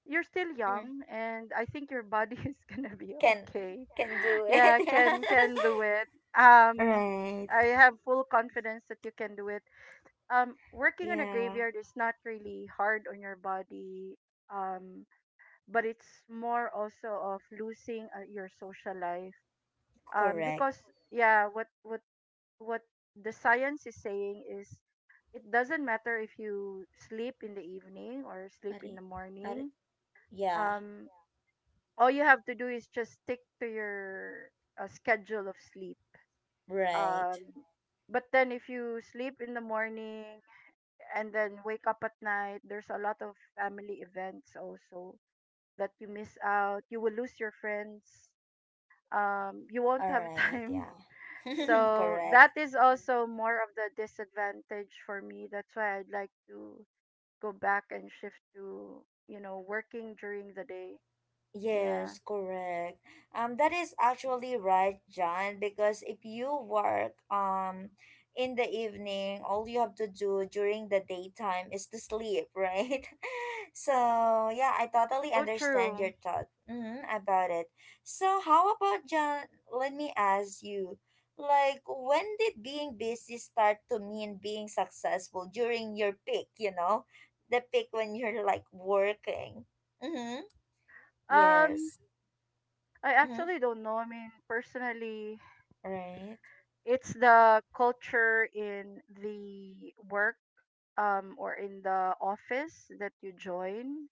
[SPEAKER 2] you're still
[SPEAKER 1] mm-hmm.
[SPEAKER 2] young and I think your body [laughs] is gonna be
[SPEAKER 1] Can
[SPEAKER 2] okay.
[SPEAKER 1] can do it.
[SPEAKER 2] Yeah, can can do it.
[SPEAKER 1] [laughs]
[SPEAKER 2] um
[SPEAKER 1] Right.
[SPEAKER 2] I have full confidence that you can do it. Um working in a
[SPEAKER 1] Yeah.
[SPEAKER 2] graveyard is not really hard on your body, um but it's more also of losing, uh, your social life, um
[SPEAKER 1] Correct.
[SPEAKER 2] because, yeah, what what what the science is saying is it doesn't matter if you sleep in the evening or
[SPEAKER 1] Are,
[SPEAKER 2] sleep in the
[SPEAKER 1] are,
[SPEAKER 2] morning.
[SPEAKER 1] Yeah,
[SPEAKER 2] um all you have to do is just stick to your uh, schedule of sleep. um
[SPEAKER 1] right.
[SPEAKER 2] but then if you sleep in the morning and then wake up at night, there's a lot of family events also that you miss out. You will lose your friends, um, you won't
[SPEAKER 1] All
[SPEAKER 2] have
[SPEAKER 1] right,
[SPEAKER 2] time. [laughs]
[SPEAKER 1] yeah. [laughs]
[SPEAKER 2] So that
[SPEAKER 1] Correct.
[SPEAKER 2] is
[SPEAKER 1] Mhm.
[SPEAKER 2] also more of the disadvantage for me. That's why I'd like to go back and shift to, you know, working during the day. Yeah.
[SPEAKER 1] Yes, correct. Um, that is actually right, John, because if you work um in the evening, all you have to do during the daytime is to sleep, right? [laughs] So, yeah, I totally
[SPEAKER 2] So
[SPEAKER 1] understand your
[SPEAKER 2] true.
[SPEAKER 1] thought mm, about it. So, how about John? Let me ask you, like, when did being busy start to mean being successful during your peak, you know? The peak when you're like working. Mm-hmm.
[SPEAKER 2] Um,
[SPEAKER 1] Yes.
[SPEAKER 2] I
[SPEAKER 1] Mm-hmm.
[SPEAKER 2] actually don't know. I mean, personally,
[SPEAKER 1] Right.
[SPEAKER 2] it's the culture in the work, um, or in the office that you join.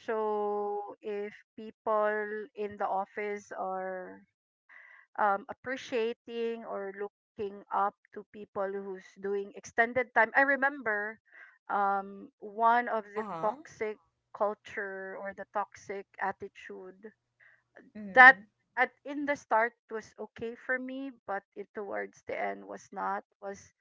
[SPEAKER 2] So if people in the office are, um, appreciating or looking up to people who's doing extended time. I remember um, one of the
[SPEAKER 1] Uh-huh.
[SPEAKER 2] toxic culture or the toxic attitude that
[SPEAKER 1] Mm-hmm.
[SPEAKER 2] at in the start was okay for me, but it towards the end was not — was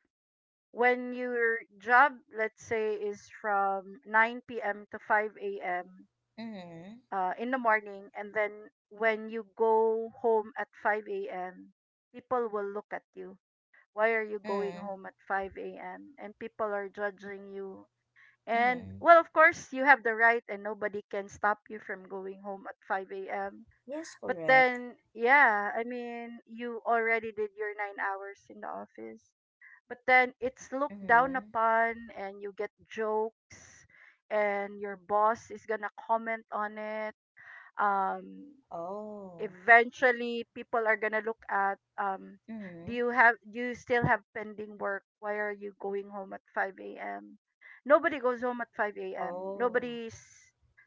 [SPEAKER 2] when your job, let's say, is from nine p m to five a.m,
[SPEAKER 1] Mm-hmm.
[SPEAKER 2] uh, in the morning, and then when you go home at five a.m, people will look at you. Why are you going
[SPEAKER 1] Mm-hmm.
[SPEAKER 2] home at five a.m? And people are judging you. And,
[SPEAKER 1] Mm-hmm.
[SPEAKER 2] well, of course, you have the right, and nobody can stop you from going home at five a.m,
[SPEAKER 1] Yes,
[SPEAKER 2] but
[SPEAKER 1] correct.
[SPEAKER 2] then, yeah, I mean, you already did your nine hours in the office, but then it's looked down
[SPEAKER 1] Mm-hmm.
[SPEAKER 2] upon and you get jokes, and your boss is gonna comment on it. um
[SPEAKER 1] Oh.
[SPEAKER 2] Eventually, people are gonna look at, um do
[SPEAKER 1] Mm-hmm.
[SPEAKER 2] you have do you still have pending work? Why are you going home at five a.m? Nobody goes home at five a.m.
[SPEAKER 1] Oh.
[SPEAKER 2] nobody's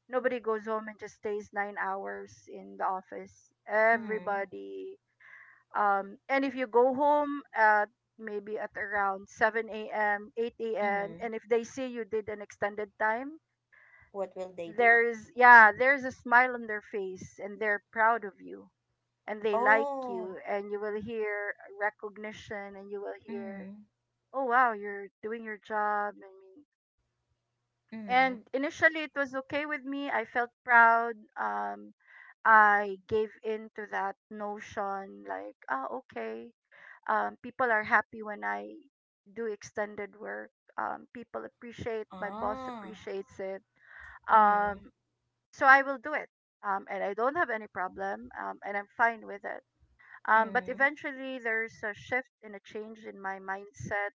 [SPEAKER 2] Nobody goes home and just stays nine hours in the office.
[SPEAKER 1] Mm-hmm.
[SPEAKER 2] Everybody — um and if you go home at, maybe at around, seven a.m, eight a.m,
[SPEAKER 1] Mm-hmm.
[SPEAKER 2] and if they see you did an extended time,
[SPEAKER 1] What will they do?
[SPEAKER 2] there's yeah, there's a smile on their face, and they're proud of you, and they like
[SPEAKER 1] Oh.
[SPEAKER 2] you, and you will hear recognition, and you will hear,
[SPEAKER 1] Mm-hmm.
[SPEAKER 2] oh wow, you're doing your job. I mean,
[SPEAKER 1] Mm-hmm.
[SPEAKER 2] and initially it was okay with me. I felt proud. um I gave in to that notion, like, ah, okay, um people are happy when I do extended work. Um people appreciate, my boss
[SPEAKER 1] Ah.
[SPEAKER 2] appreciates it,
[SPEAKER 1] Mm-hmm.
[SPEAKER 2] um so I will do it, um and I don't have any problem, um and I'm fine with it. um, but
[SPEAKER 1] Mm-hmm.
[SPEAKER 2] eventually, there's a shift and a change in my mindset.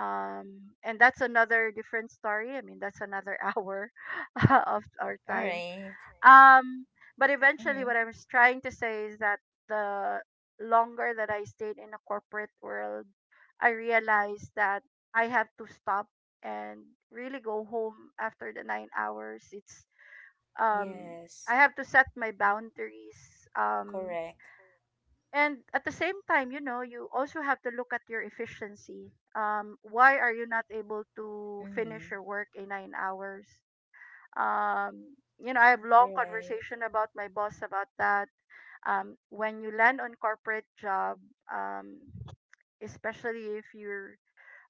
[SPEAKER 2] Um, and that's another different story. I mean, that's another [laughs] hour [laughs] of our
[SPEAKER 1] All
[SPEAKER 2] time.
[SPEAKER 1] right.
[SPEAKER 2] Um, but eventually,
[SPEAKER 1] Mm-hmm.
[SPEAKER 2] what I'm s- trying to say is that the longer that I stayed in a corporate world, I realized that I have to stop and really go home after the nine hours. It's um,
[SPEAKER 1] Yes.
[SPEAKER 2] I have to set my boundaries. Um,
[SPEAKER 1] Correct.
[SPEAKER 2] and at the same time, you know, you also have to look at your efficiency. Um why are you not able to
[SPEAKER 1] Mm-hmm.
[SPEAKER 2] finish your work in nine hours? um you know, I have long
[SPEAKER 1] Right.
[SPEAKER 2] conversation about my boss about that. Um when you land on corporate job, um especially if you're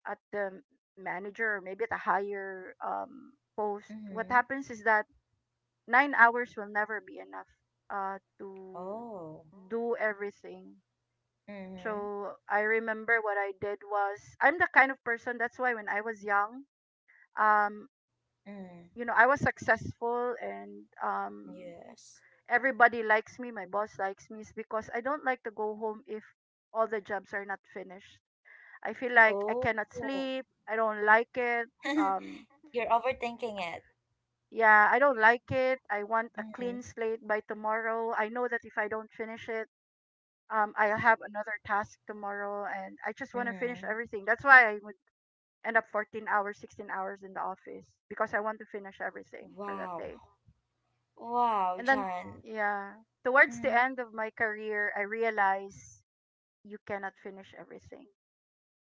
[SPEAKER 2] at the manager or maybe at a higher um post, what
[SPEAKER 1] Mm-hmm.
[SPEAKER 2] happens is that nine hours will never be enough uh to
[SPEAKER 1] Oh.
[SPEAKER 2] do everything.
[SPEAKER 1] Mm-hmm.
[SPEAKER 2] So I remember what I did was, I'm the kind of person — that's why when I was young, um, you
[SPEAKER 1] Mm-hmm.
[SPEAKER 2] know, I was successful, and um
[SPEAKER 1] Yes.
[SPEAKER 2] everybody likes me, my boss likes me, is because I don't like to go home if all the jobs are not finished. I feel like I
[SPEAKER 1] Oh.
[SPEAKER 2] cannot sleep, I don't like it.
[SPEAKER 1] [laughs]
[SPEAKER 2] Um
[SPEAKER 1] You're overthinking it.
[SPEAKER 2] yeah, I don't like it. I want a
[SPEAKER 1] Mm-hmm.
[SPEAKER 2] clean slate by tomorrow. I know that if I don't finish it, um, I'll have another task tomorrow, and I just want to finish
[SPEAKER 1] Mm-hmm.
[SPEAKER 2] everything. That's why I would end up fourteen hours, sixteen hours in the office because I want to finish everything for that
[SPEAKER 1] Wow.
[SPEAKER 2] day.
[SPEAKER 1] Wow,
[SPEAKER 2] And then, wow,
[SPEAKER 1] John.
[SPEAKER 2] yeah, towards the
[SPEAKER 1] Mm-hmm.
[SPEAKER 2] end of my career, I realized you cannot finish everything.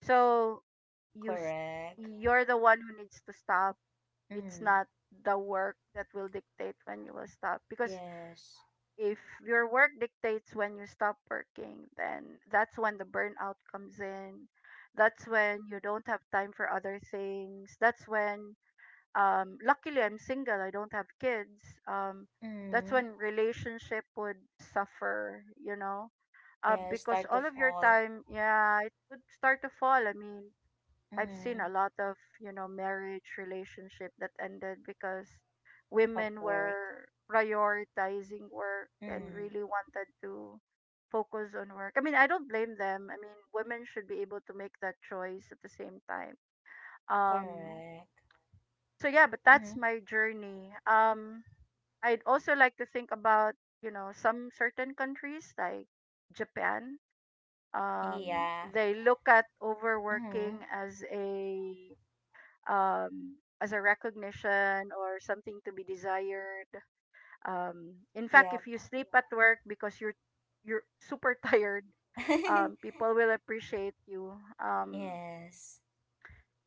[SPEAKER 2] So you s-
[SPEAKER 1] Correct.
[SPEAKER 2] you're the one who needs to stop. It's
[SPEAKER 1] Mm-hmm.
[SPEAKER 2] not the work that will dictate when you will stop, because
[SPEAKER 1] Yes.
[SPEAKER 2] if your work dictates when you stop working, then that's when the burnout comes in. That's when you don't have time for other things. That's when, um luckily I'm single, I don't have kids. Um that's
[SPEAKER 1] Mm-hmm.
[SPEAKER 2] when relationship would suffer, you know. Uh,
[SPEAKER 1] Yes,
[SPEAKER 2] because
[SPEAKER 1] start to
[SPEAKER 2] all of your
[SPEAKER 1] fall.
[SPEAKER 2] time, yeah, it would start to fall. I mean, I've
[SPEAKER 1] Mm-hmm.
[SPEAKER 2] seen a lot of, you know, marriage relationship that ended because women
[SPEAKER 1] Upward.
[SPEAKER 2] were prioritizing work and
[SPEAKER 1] Mm-hmm.
[SPEAKER 2] really wanted to focus on work. I mean, I don't blame them. I mean, women should be able to make that choice at the same time. Um
[SPEAKER 1] Correct.
[SPEAKER 2] so yeah, but that's
[SPEAKER 1] Mm-hmm.
[SPEAKER 2] my journey. Um, I'd also like to think about, you know some certain countries like Japan. Um,
[SPEAKER 1] Yeah.
[SPEAKER 2] they look at
[SPEAKER 1] Mm-hmm.
[SPEAKER 2] overworking as a, um, as a recognition or something to be desired. Um, in fact,
[SPEAKER 1] Yep.
[SPEAKER 2] if you sleep at work because you're you're super [laughs] tired, um,
[SPEAKER 1] [laughs]
[SPEAKER 2] people will appreciate you. Um,
[SPEAKER 1] Yes.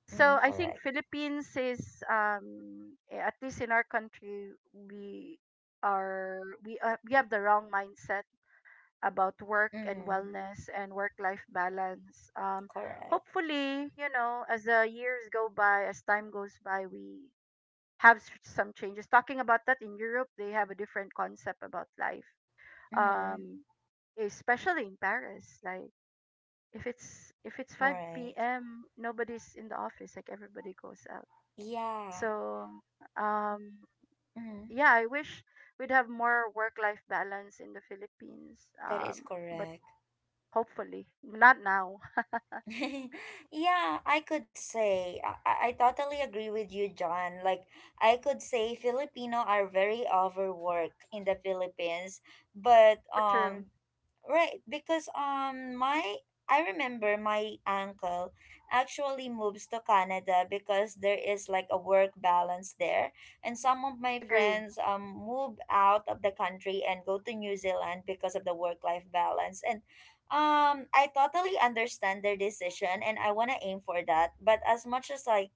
[SPEAKER 2] So
[SPEAKER 1] Mm-hmm.
[SPEAKER 2] I think
[SPEAKER 1] Correct.
[SPEAKER 2] Philippines is um eh, at least in our country, we are we uh, we have the wrong mindset about work and
[SPEAKER 1] Mm-hmm.
[SPEAKER 2] wellness and work life balance. Um
[SPEAKER 1] Correct.
[SPEAKER 2] hopefully, you know, as the years go by, as time goes by, we have s- some changes. Talking about that in Europe, they have a different concept about life.
[SPEAKER 1] Mm-hmm.
[SPEAKER 2] Um Especially in Paris, like if it's if it's 5
[SPEAKER 1] Right.
[SPEAKER 2] p.m., nobody's in the office, like everybody goes out,
[SPEAKER 1] Yeah.
[SPEAKER 2] so, um,
[SPEAKER 1] Mm-hmm.
[SPEAKER 2] yeah, I wish we'd have more work-life balance in the Philippines.
[SPEAKER 1] That
[SPEAKER 2] Um,
[SPEAKER 1] is
[SPEAKER 2] but
[SPEAKER 1] correct.
[SPEAKER 2] hopefully, not now.
[SPEAKER 1] [laughs] Yeah, I could say I, I I totally agree with you, John. Like I could say Filipino are very overworked in the Philippines, but
[SPEAKER 2] So true.
[SPEAKER 1] um right, because um my I remember my uncle actually moves to Canada because there is like a work balance there, and some of
[SPEAKER 2] I
[SPEAKER 1] my
[SPEAKER 2] agree.
[SPEAKER 1] friends um move out of the country and go to New Zealand because of the work life balance. And um I totally understand their decision and I want to aim for that, but as much as I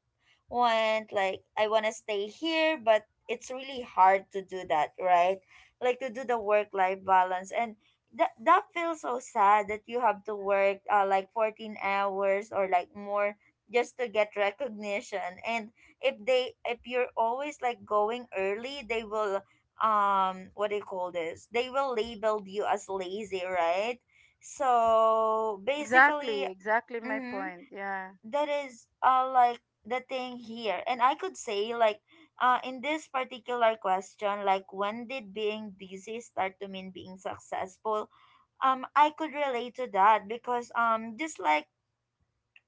[SPEAKER 1] want, like I want to stay here, but it's really hard to do that, right? Like to do the work life balance. And that that feels so sad that you have to work uh, like fourteen hours or like more just to get recognition. And if they if you're always like going early, they will um what do you call this, they will label you as lazy, right? So
[SPEAKER 2] Exactly,
[SPEAKER 1] basically
[SPEAKER 2] exactly my
[SPEAKER 1] mhm,
[SPEAKER 2] point. Yeah.
[SPEAKER 1] that is uh like the thing here. And I could say like uh in this particular question, like when did being busy start to mean being successful, um I could relate to that because um just like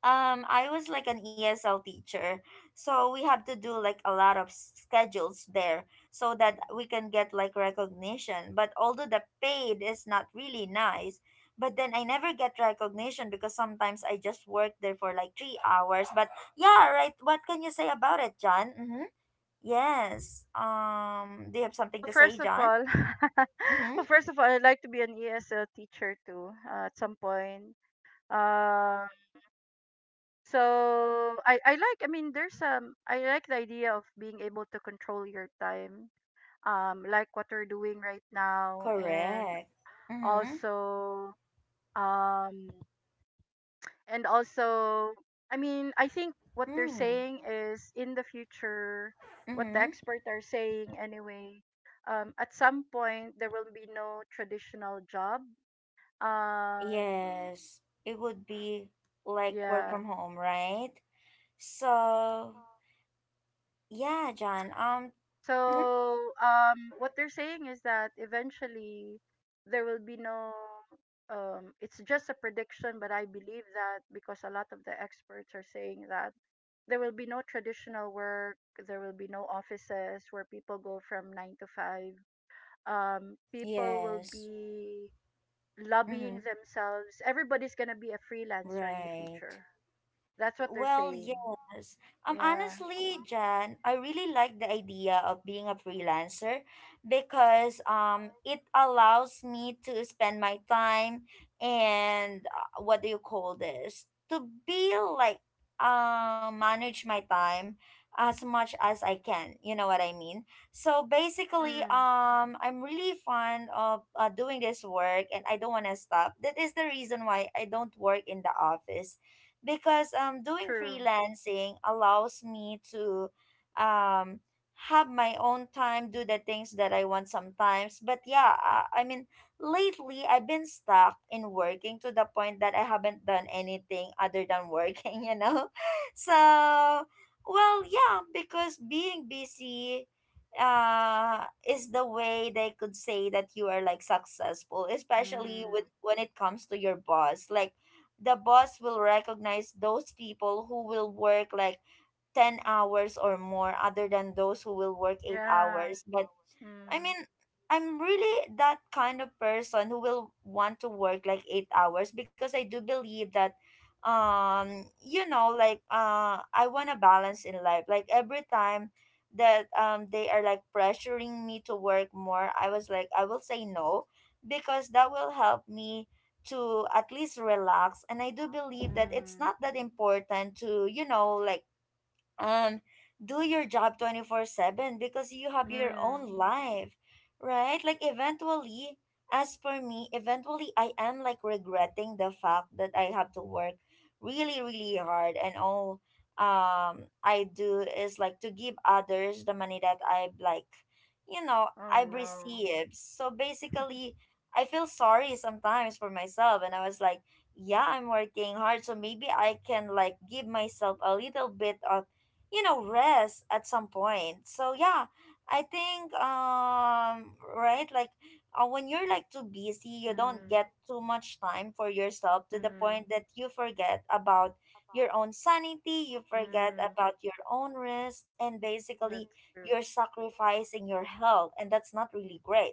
[SPEAKER 1] um, I was like an E S L teacher, so we have to do like a lot of s- schedules there so that we can get like recognition. But although the paid is not really nice, but then I never get recognition because sometimes I just work there for like three hours. But yeah, right. What can you say about it, John? Mm-hmm. Yes. Um, do you have something
[SPEAKER 2] Well,
[SPEAKER 1] to say,
[SPEAKER 2] first of
[SPEAKER 1] John?
[SPEAKER 2] all, [laughs]
[SPEAKER 1] Mm-hmm.
[SPEAKER 2] well, first of all, I'd like to be an E S L teacher too, uh, at some point. Uh, so, I, I like, I mean, there's um, I like the idea of being able to control your time, um, like what we're doing right now, and
[SPEAKER 1] Correct. Mm-hmm.
[SPEAKER 2] also, um and also I mean, I think what they're saying is in the future, what the
[SPEAKER 1] Mm-hmm.
[SPEAKER 2] experts are saying anyway, um at some point there will be no traditional job. um
[SPEAKER 1] Yes, it would be like work
[SPEAKER 2] yeah.
[SPEAKER 1] from home, right? So, yeah, John. Um, mhm,
[SPEAKER 2] So um what they're saying is that eventually there will be no— um it's just a prediction, but I believe that because a lot of the experts are saying that there will be no traditional work. There will be no offices where people go from nine to five. Um people will
[SPEAKER 1] yes.
[SPEAKER 2] be lobbying
[SPEAKER 1] Mm-hmm,
[SPEAKER 2] themselves. Everybody's going to be a freelancer in the
[SPEAKER 1] right.
[SPEAKER 2] future. That's what they're
[SPEAKER 1] Well,
[SPEAKER 2] saying.
[SPEAKER 1] yes. Um,
[SPEAKER 2] Yeah.
[SPEAKER 1] honestly, Jan, I really like the idea of being a freelancer because um, it allows me to spend my time and uh, what do you call this? To be like, uh, manage my time as much as I can. You know what I mean? So basically,
[SPEAKER 2] Mm.
[SPEAKER 1] um, I'm really fond of uh, doing this work and I don't want to stop. That is the reason why I don't work in the office because um doing
[SPEAKER 2] True.
[SPEAKER 1] freelancing allows me to um have my own time, do the things that I want sometimes. But yeah, I, I mean, lately I've been stuck in working to the point that I haven't done anything other than working, [laughs] you know? So, well, yeah, because being busy uh is the way they could say that you are like successful, especially with
[SPEAKER 2] Mm.
[SPEAKER 1] when it comes to your boss. Like, the boss will recognize those people who will work like 10 hours or more other than those who will work 8
[SPEAKER 2] Yeah.
[SPEAKER 1] hours. But I
[SPEAKER 2] Mm.
[SPEAKER 1] mean, I'm really that kind of person who will want to work like eight hours, because I do believe that, um, you know, like uh, I want a balance in life. Like every time that um they are like pressuring me to work more, I was like, I will say no because that will help me to at least relax. And I do believe that it's
[SPEAKER 2] Mm.
[SPEAKER 1] not that important to you know like and do your job twenty-four seven, because you have your
[SPEAKER 2] Mm.
[SPEAKER 1] own life, right? Like eventually, as for me, eventually I am like regretting the fact that I have to work really, really hard, and all um I do is like to give others the money that I've like you know,
[SPEAKER 2] Oh
[SPEAKER 1] I've
[SPEAKER 2] no.
[SPEAKER 1] received. So basically, I feel sorry sometimes for myself, and I was like, yeah, I'm working hard, so maybe I can like give myself a little bit of you know rest at some point. So yeah, I think, um right, like uh, when you're like too busy, you don't
[SPEAKER 2] Mm.
[SPEAKER 1] get too much time for yourself to the
[SPEAKER 2] Mm.
[SPEAKER 1] point that you forget about your own sanity, you forget
[SPEAKER 2] Mm.
[SPEAKER 1] about your own rest, and basically
[SPEAKER 2] That's true.
[SPEAKER 1] you're sacrificing your health, and that's not really great,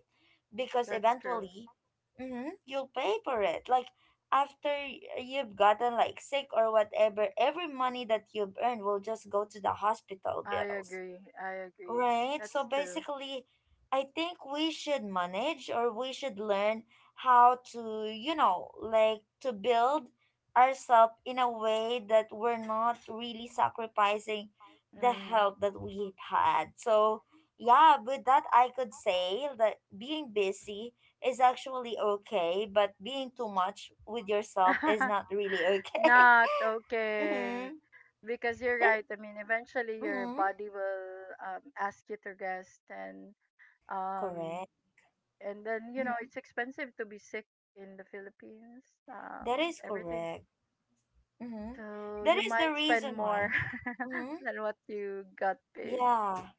[SPEAKER 1] because
[SPEAKER 2] That's true.
[SPEAKER 1] eventually, mm-hmm, you'll pay for it, like after you've gotten like sick or whatever, every money that you've earned will just go to the hospital
[SPEAKER 2] I
[SPEAKER 1] bills.
[SPEAKER 2] agree. I agree.
[SPEAKER 1] Right. So
[SPEAKER 2] That's true.
[SPEAKER 1] basically, I think we should manage, or we should learn how to, you know, like to build ourselves in a way that we're not really sacrificing the
[SPEAKER 2] Mm.
[SPEAKER 1] health that we had. So, yeah, with that, I could say that being busy is actually okay, but being too much with yourself is not
[SPEAKER 2] [laughs]
[SPEAKER 1] really okay.
[SPEAKER 2] Not
[SPEAKER 1] [laughs]
[SPEAKER 2] okay.
[SPEAKER 1] Mm-hmm.
[SPEAKER 2] Because you're
[SPEAKER 1] That,
[SPEAKER 2] right. I mean, eventually your
[SPEAKER 1] mm-hmm.
[SPEAKER 2] body will um, ask you to rest, and, um,
[SPEAKER 1] Correct.
[SPEAKER 2] and then you know
[SPEAKER 1] Mm-hmm.
[SPEAKER 2] it's expensive to be sick in the Philippines.
[SPEAKER 1] That
[SPEAKER 2] Um,
[SPEAKER 1] is
[SPEAKER 2] everything's—
[SPEAKER 1] correct. Mm-hmm.
[SPEAKER 2] so
[SPEAKER 1] That
[SPEAKER 2] you
[SPEAKER 1] is the
[SPEAKER 2] might spend
[SPEAKER 1] reason why.
[SPEAKER 2] more [laughs]
[SPEAKER 1] Mm-hmm.
[SPEAKER 2] than what you got paid.
[SPEAKER 1] Yeah.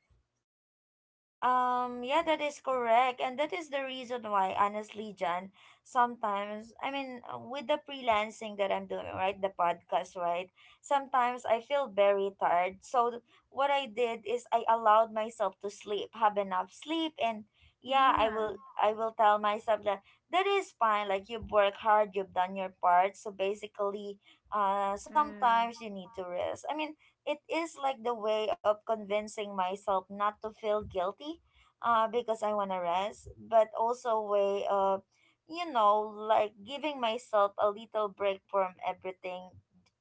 [SPEAKER 1] Um, yeah, that is correct. And that is the reason why, honestly, John, sometimes, I mean, uh, with the freelancing that I'm doing, right, the podcast, right, sometimes I feel very tired. So th- what I did is I allowed myself to sleep, have enough sleep. And yeah, I
[SPEAKER 2] Yeah.
[SPEAKER 1] will, I will tell myself that that is fine. Like, you've worked hard, you've done your part. So basically, uh, sometimes
[SPEAKER 2] Mm.
[SPEAKER 1] you need to rest. I mean, it is like the way of convincing myself not to feel guilty, uh, because I want to rest, but also way of, you know, like giving myself a little break from everything,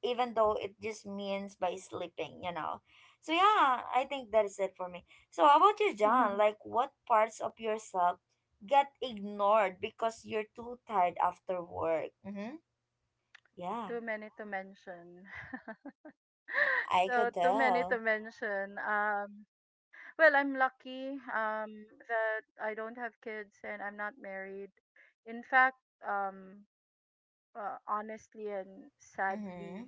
[SPEAKER 1] even though it just means by sleeping, you know. So yeah, I think that is it for me. So how about you, John?
[SPEAKER 2] [laughs]
[SPEAKER 1] Like, what parts of yourself get ignored because you're too tired after work? Mm-hmm. Yeah,
[SPEAKER 2] Too many to mention.
[SPEAKER 1] I
[SPEAKER 2] So
[SPEAKER 1] could
[SPEAKER 2] too many to
[SPEAKER 1] tell.
[SPEAKER 2] mention. Um, well, I'm lucky, um, that I don't have kids and I'm not married. In fact, um, uh, honestly and
[SPEAKER 1] Mm-hmm.
[SPEAKER 2] sadly,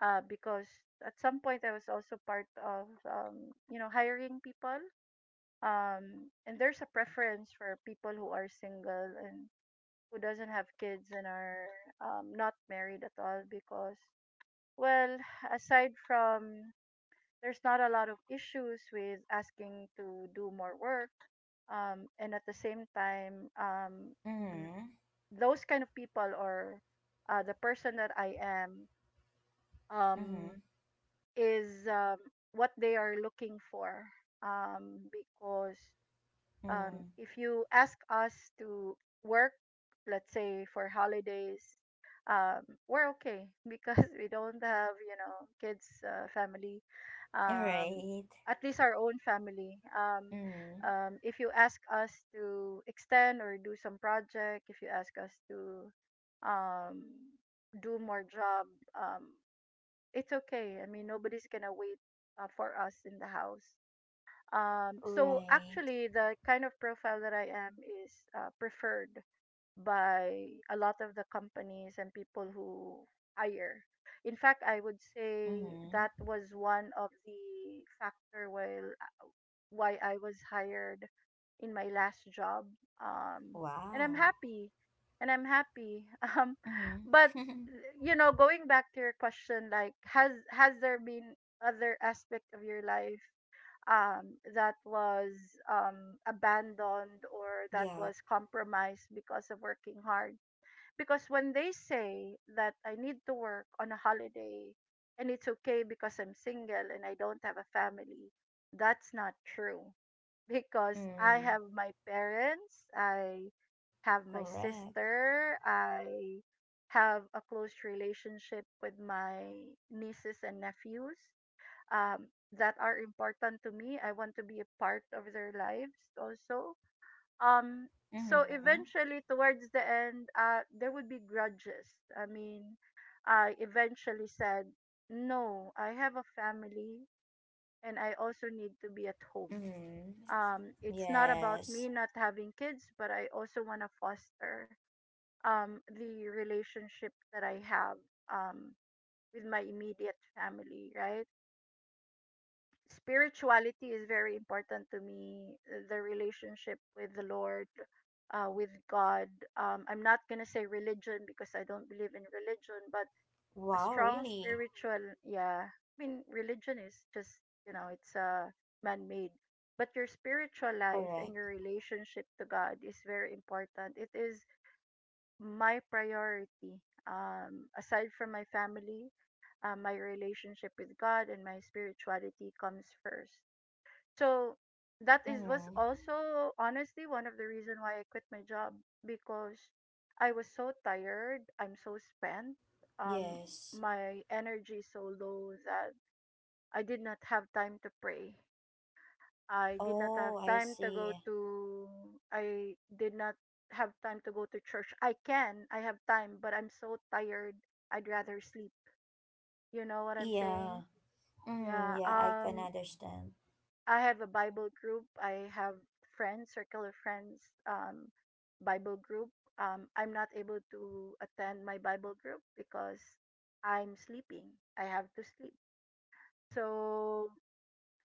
[SPEAKER 2] uh, because at some point I was also part of, um, you know, hiring people. Um, and there's a preference for people who are single and who doesn't have kids and are, um, not married at all because, well, aside from there's not a lot of issues with asking to do more work, um, and at the same time, um, th-
[SPEAKER 1] Mm-hmm.
[SPEAKER 2] those kind of people, or uh, the person that I am, um,
[SPEAKER 1] Mm-hmm.
[SPEAKER 2] is, um, what they are looking for, um, because, um,
[SPEAKER 1] Mm.
[SPEAKER 2] if you ask us to work, let's say for holidays, um, we're okay [laughs] because we don't have, you know, kids, uh, family, um,
[SPEAKER 1] Right.
[SPEAKER 2] at least our own family. Um,
[SPEAKER 1] Mm.
[SPEAKER 2] um, if you ask us to extend or do some project, if you ask us to, um, do more job, um, it's okay. I mean, nobody's gonna wait uh, for us in the house. Um, so
[SPEAKER 1] Right.
[SPEAKER 2] actually, the kind of profile that I am is uh, preferred by a lot of the companies and people who hire. In fact, I would say that
[SPEAKER 1] Mm-hmm.
[SPEAKER 2] was one of the factor while why I was hired in my last job. Um, and I'm
[SPEAKER 1] Wow.
[SPEAKER 2] happy, and I'm happy. [laughs] Um, but
[SPEAKER 1] Mm-hmm. [laughs]
[SPEAKER 2] you know, going back to your question, like, has has there been other aspect of your life, um, that was, um, abandoned or that
[SPEAKER 1] Yeah.
[SPEAKER 2] was compromised because of working hard. Because when they say that I need to work on a holiday and it's okay because I'm single and I don't have a family, that's not true. [laughs] Because I
[SPEAKER 1] Mm,
[SPEAKER 2] have my parents, I have my
[SPEAKER 1] correct.
[SPEAKER 2] sister, I have a close relationship with my nieces and nephews, um, that are important to me. I want to be a part of their lives also. Um, so
[SPEAKER 1] Mm-hmm.
[SPEAKER 2] eventually, towards the end, uh, there would be grudges. I mean, I eventually said, no, I have a family and I also need to be at home.
[SPEAKER 1] Mm-hmm.
[SPEAKER 2] Um, it's not about
[SPEAKER 1] Yes.
[SPEAKER 2] me not having kids, but I also want to foster, um, the relationship that I have, um, with my immediate family, right? Spirituality is very important to me, uh, the relationship with the Lord, uh, with God. um, I'm not going to say religion because I don't believe in religion, but a
[SPEAKER 1] Wow,
[SPEAKER 2] strong
[SPEAKER 1] really?
[SPEAKER 2] spiritual— yeah, I mean, religion is just, you know, it's uh, man-made, but your spiritual life and
[SPEAKER 1] Correct.
[SPEAKER 2] your relationship to God is very important. It is my priority, um, aside from my family. Uh, my relationship with God and my spirituality comes first. So that is— was
[SPEAKER 1] Mm-hmm.
[SPEAKER 2] also honestly one of the reason why I quit my job, because I was so tired, I'm so spent, um
[SPEAKER 1] Yes.
[SPEAKER 2] my energy is so low that I did not have time to pray. I did not have
[SPEAKER 1] Oh, I
[SPEAKER 2] time to go
[SPEAKER 1] see.
[SPEAKER 2] to— I did not have time to go to church. I can, I have time, but I'm so tired. I'd rather sleep. You know what I'm
[SPEAKER 1] Yeah.
[SPEAKER 2] saying?
[SPEAKER 1] Mm,
[SPEAKER 2] Yeah.
[SPEAKER 1] yeah, I can
[SPEAKER 2] Um
[SPEAKER 1] understand.
[SPEAKER 2] I have a Bible group. I have friends, circle of friends, um, Bible group. Um, I'm not able to attend my Bible group because I'm sleeping. I have to sleep. So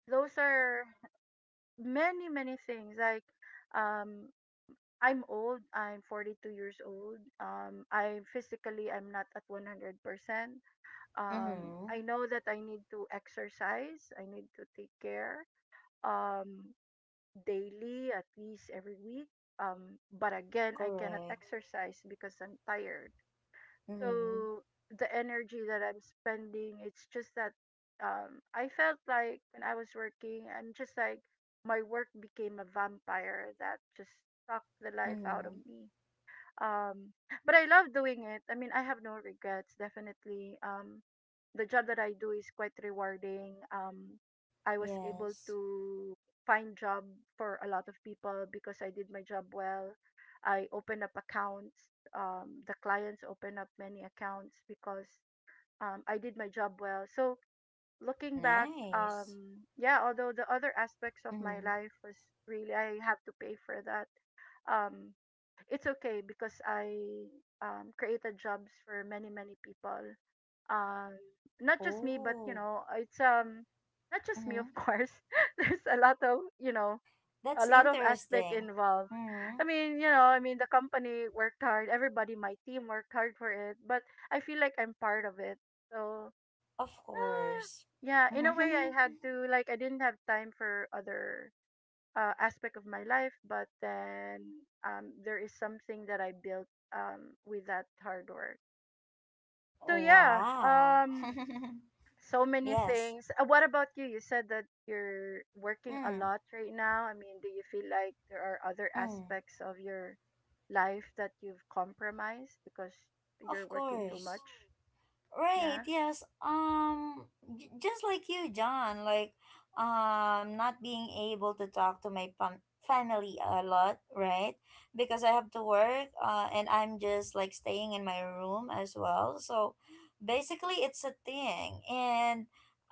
[SPEAKER 2] those are many, many things. Like, um, I'm old. I'm forty-two years old. Um, I physically I'm not at one hundred percent. Um,
[SPEAKER 1] Mm-hmm.
[SPEAKER 2] I know that I need to exercise. I need to take care. Um, Daily, at least every week. Um, but again, I cannot
[SPEAKER 1] Correct.
[SPEAKER 2] exercise because I'm tired.
[SPEAKER 1] Mm-hmm.
[SPEAKER 2] So the energy that I'm spending, it's just that, um, I felt like when I was working, I'm just like my work became a vampire that just sucked the life out of
[SPEAKER 1] Mm-hmm.
[SPEAKER 2] me. Um, but I love doing it. I mean, I have no regrets, definitely. Um, the job that I do is quite rewarding. Um, I was able
[SPEAKER 1] Yes.
[SPEAKER 2] to find job for a lot of people because I did my job well. I opened up accounts. Um, the clients opened up many accounts because, um, I did my job well. So looking back,
[SPEAKER 1] Nice.
[SPEAKER 2] um, yeah, although the other aspects of my
[SPEAKER 1] Mm-hmm.
[SPEAKER 2] life was, really I have to pay for that. Um, it's okay because I, um, created jobs for many, many people, um not just me, but you
[SPEAKER 1] Oh.
[SPEAKER 2] know it's um not just me, of
[SPEAKER 1] Mm-hmm.
[SPEAKER 2] course. [laughs] There's a lot of, you know, a
[SPEAKER 1] That's
[SPEAKER 2] lot of aspect
[SPEAKER 1] interesting.
[SPEAKER 2] involved.
[SPEAKER 1] Mm-hmm.
[SPEAKER 2] I mean, you know, I mean, the company worked hard, everybody, my team worked hard for it, but I feel like I'm part of it. So,
[SPEAKER 1] Of
[SPEAKER 2] ah,
[SPEAKER 1] course.
[SPEAKER 2] yeah, in a way I had
[SPEAKER 1] [laughs]
[SPEAKER 2] to, like, I didn't have time for other uh, aspect of my life, but then um there is something that I built, um with that hard work. So yeah,
[SPEAKER 1] Wow.
[SPEAKER 2] um
[SPEAKER 1] [laughs]
[SPEAKER 2] so many
[SPEAKER 1] Yes.
[SPEAKER 2] things. Uh, what about you? You said that you're working a
[SPEAKER 1] Mm,
[SPEAKER 2] lot right now. I mean, do you feel like there are other
[SPEAKER 1] mm.
[SPEAKER 2] aspects of your life that you've compromised because you're
[SPEAKER 1] Of
[SPEAKER 2] working too much?
[SPEAKER 1] course. Right,
[SPEAKER 2] Yeah.
[SPEAKER 1] yes. Um j- just like you, John, like um not being able to talk to my fam- family a lot, right? Because I have to work, uh and I'm just like staying in my room as well. So basically it's a thing. And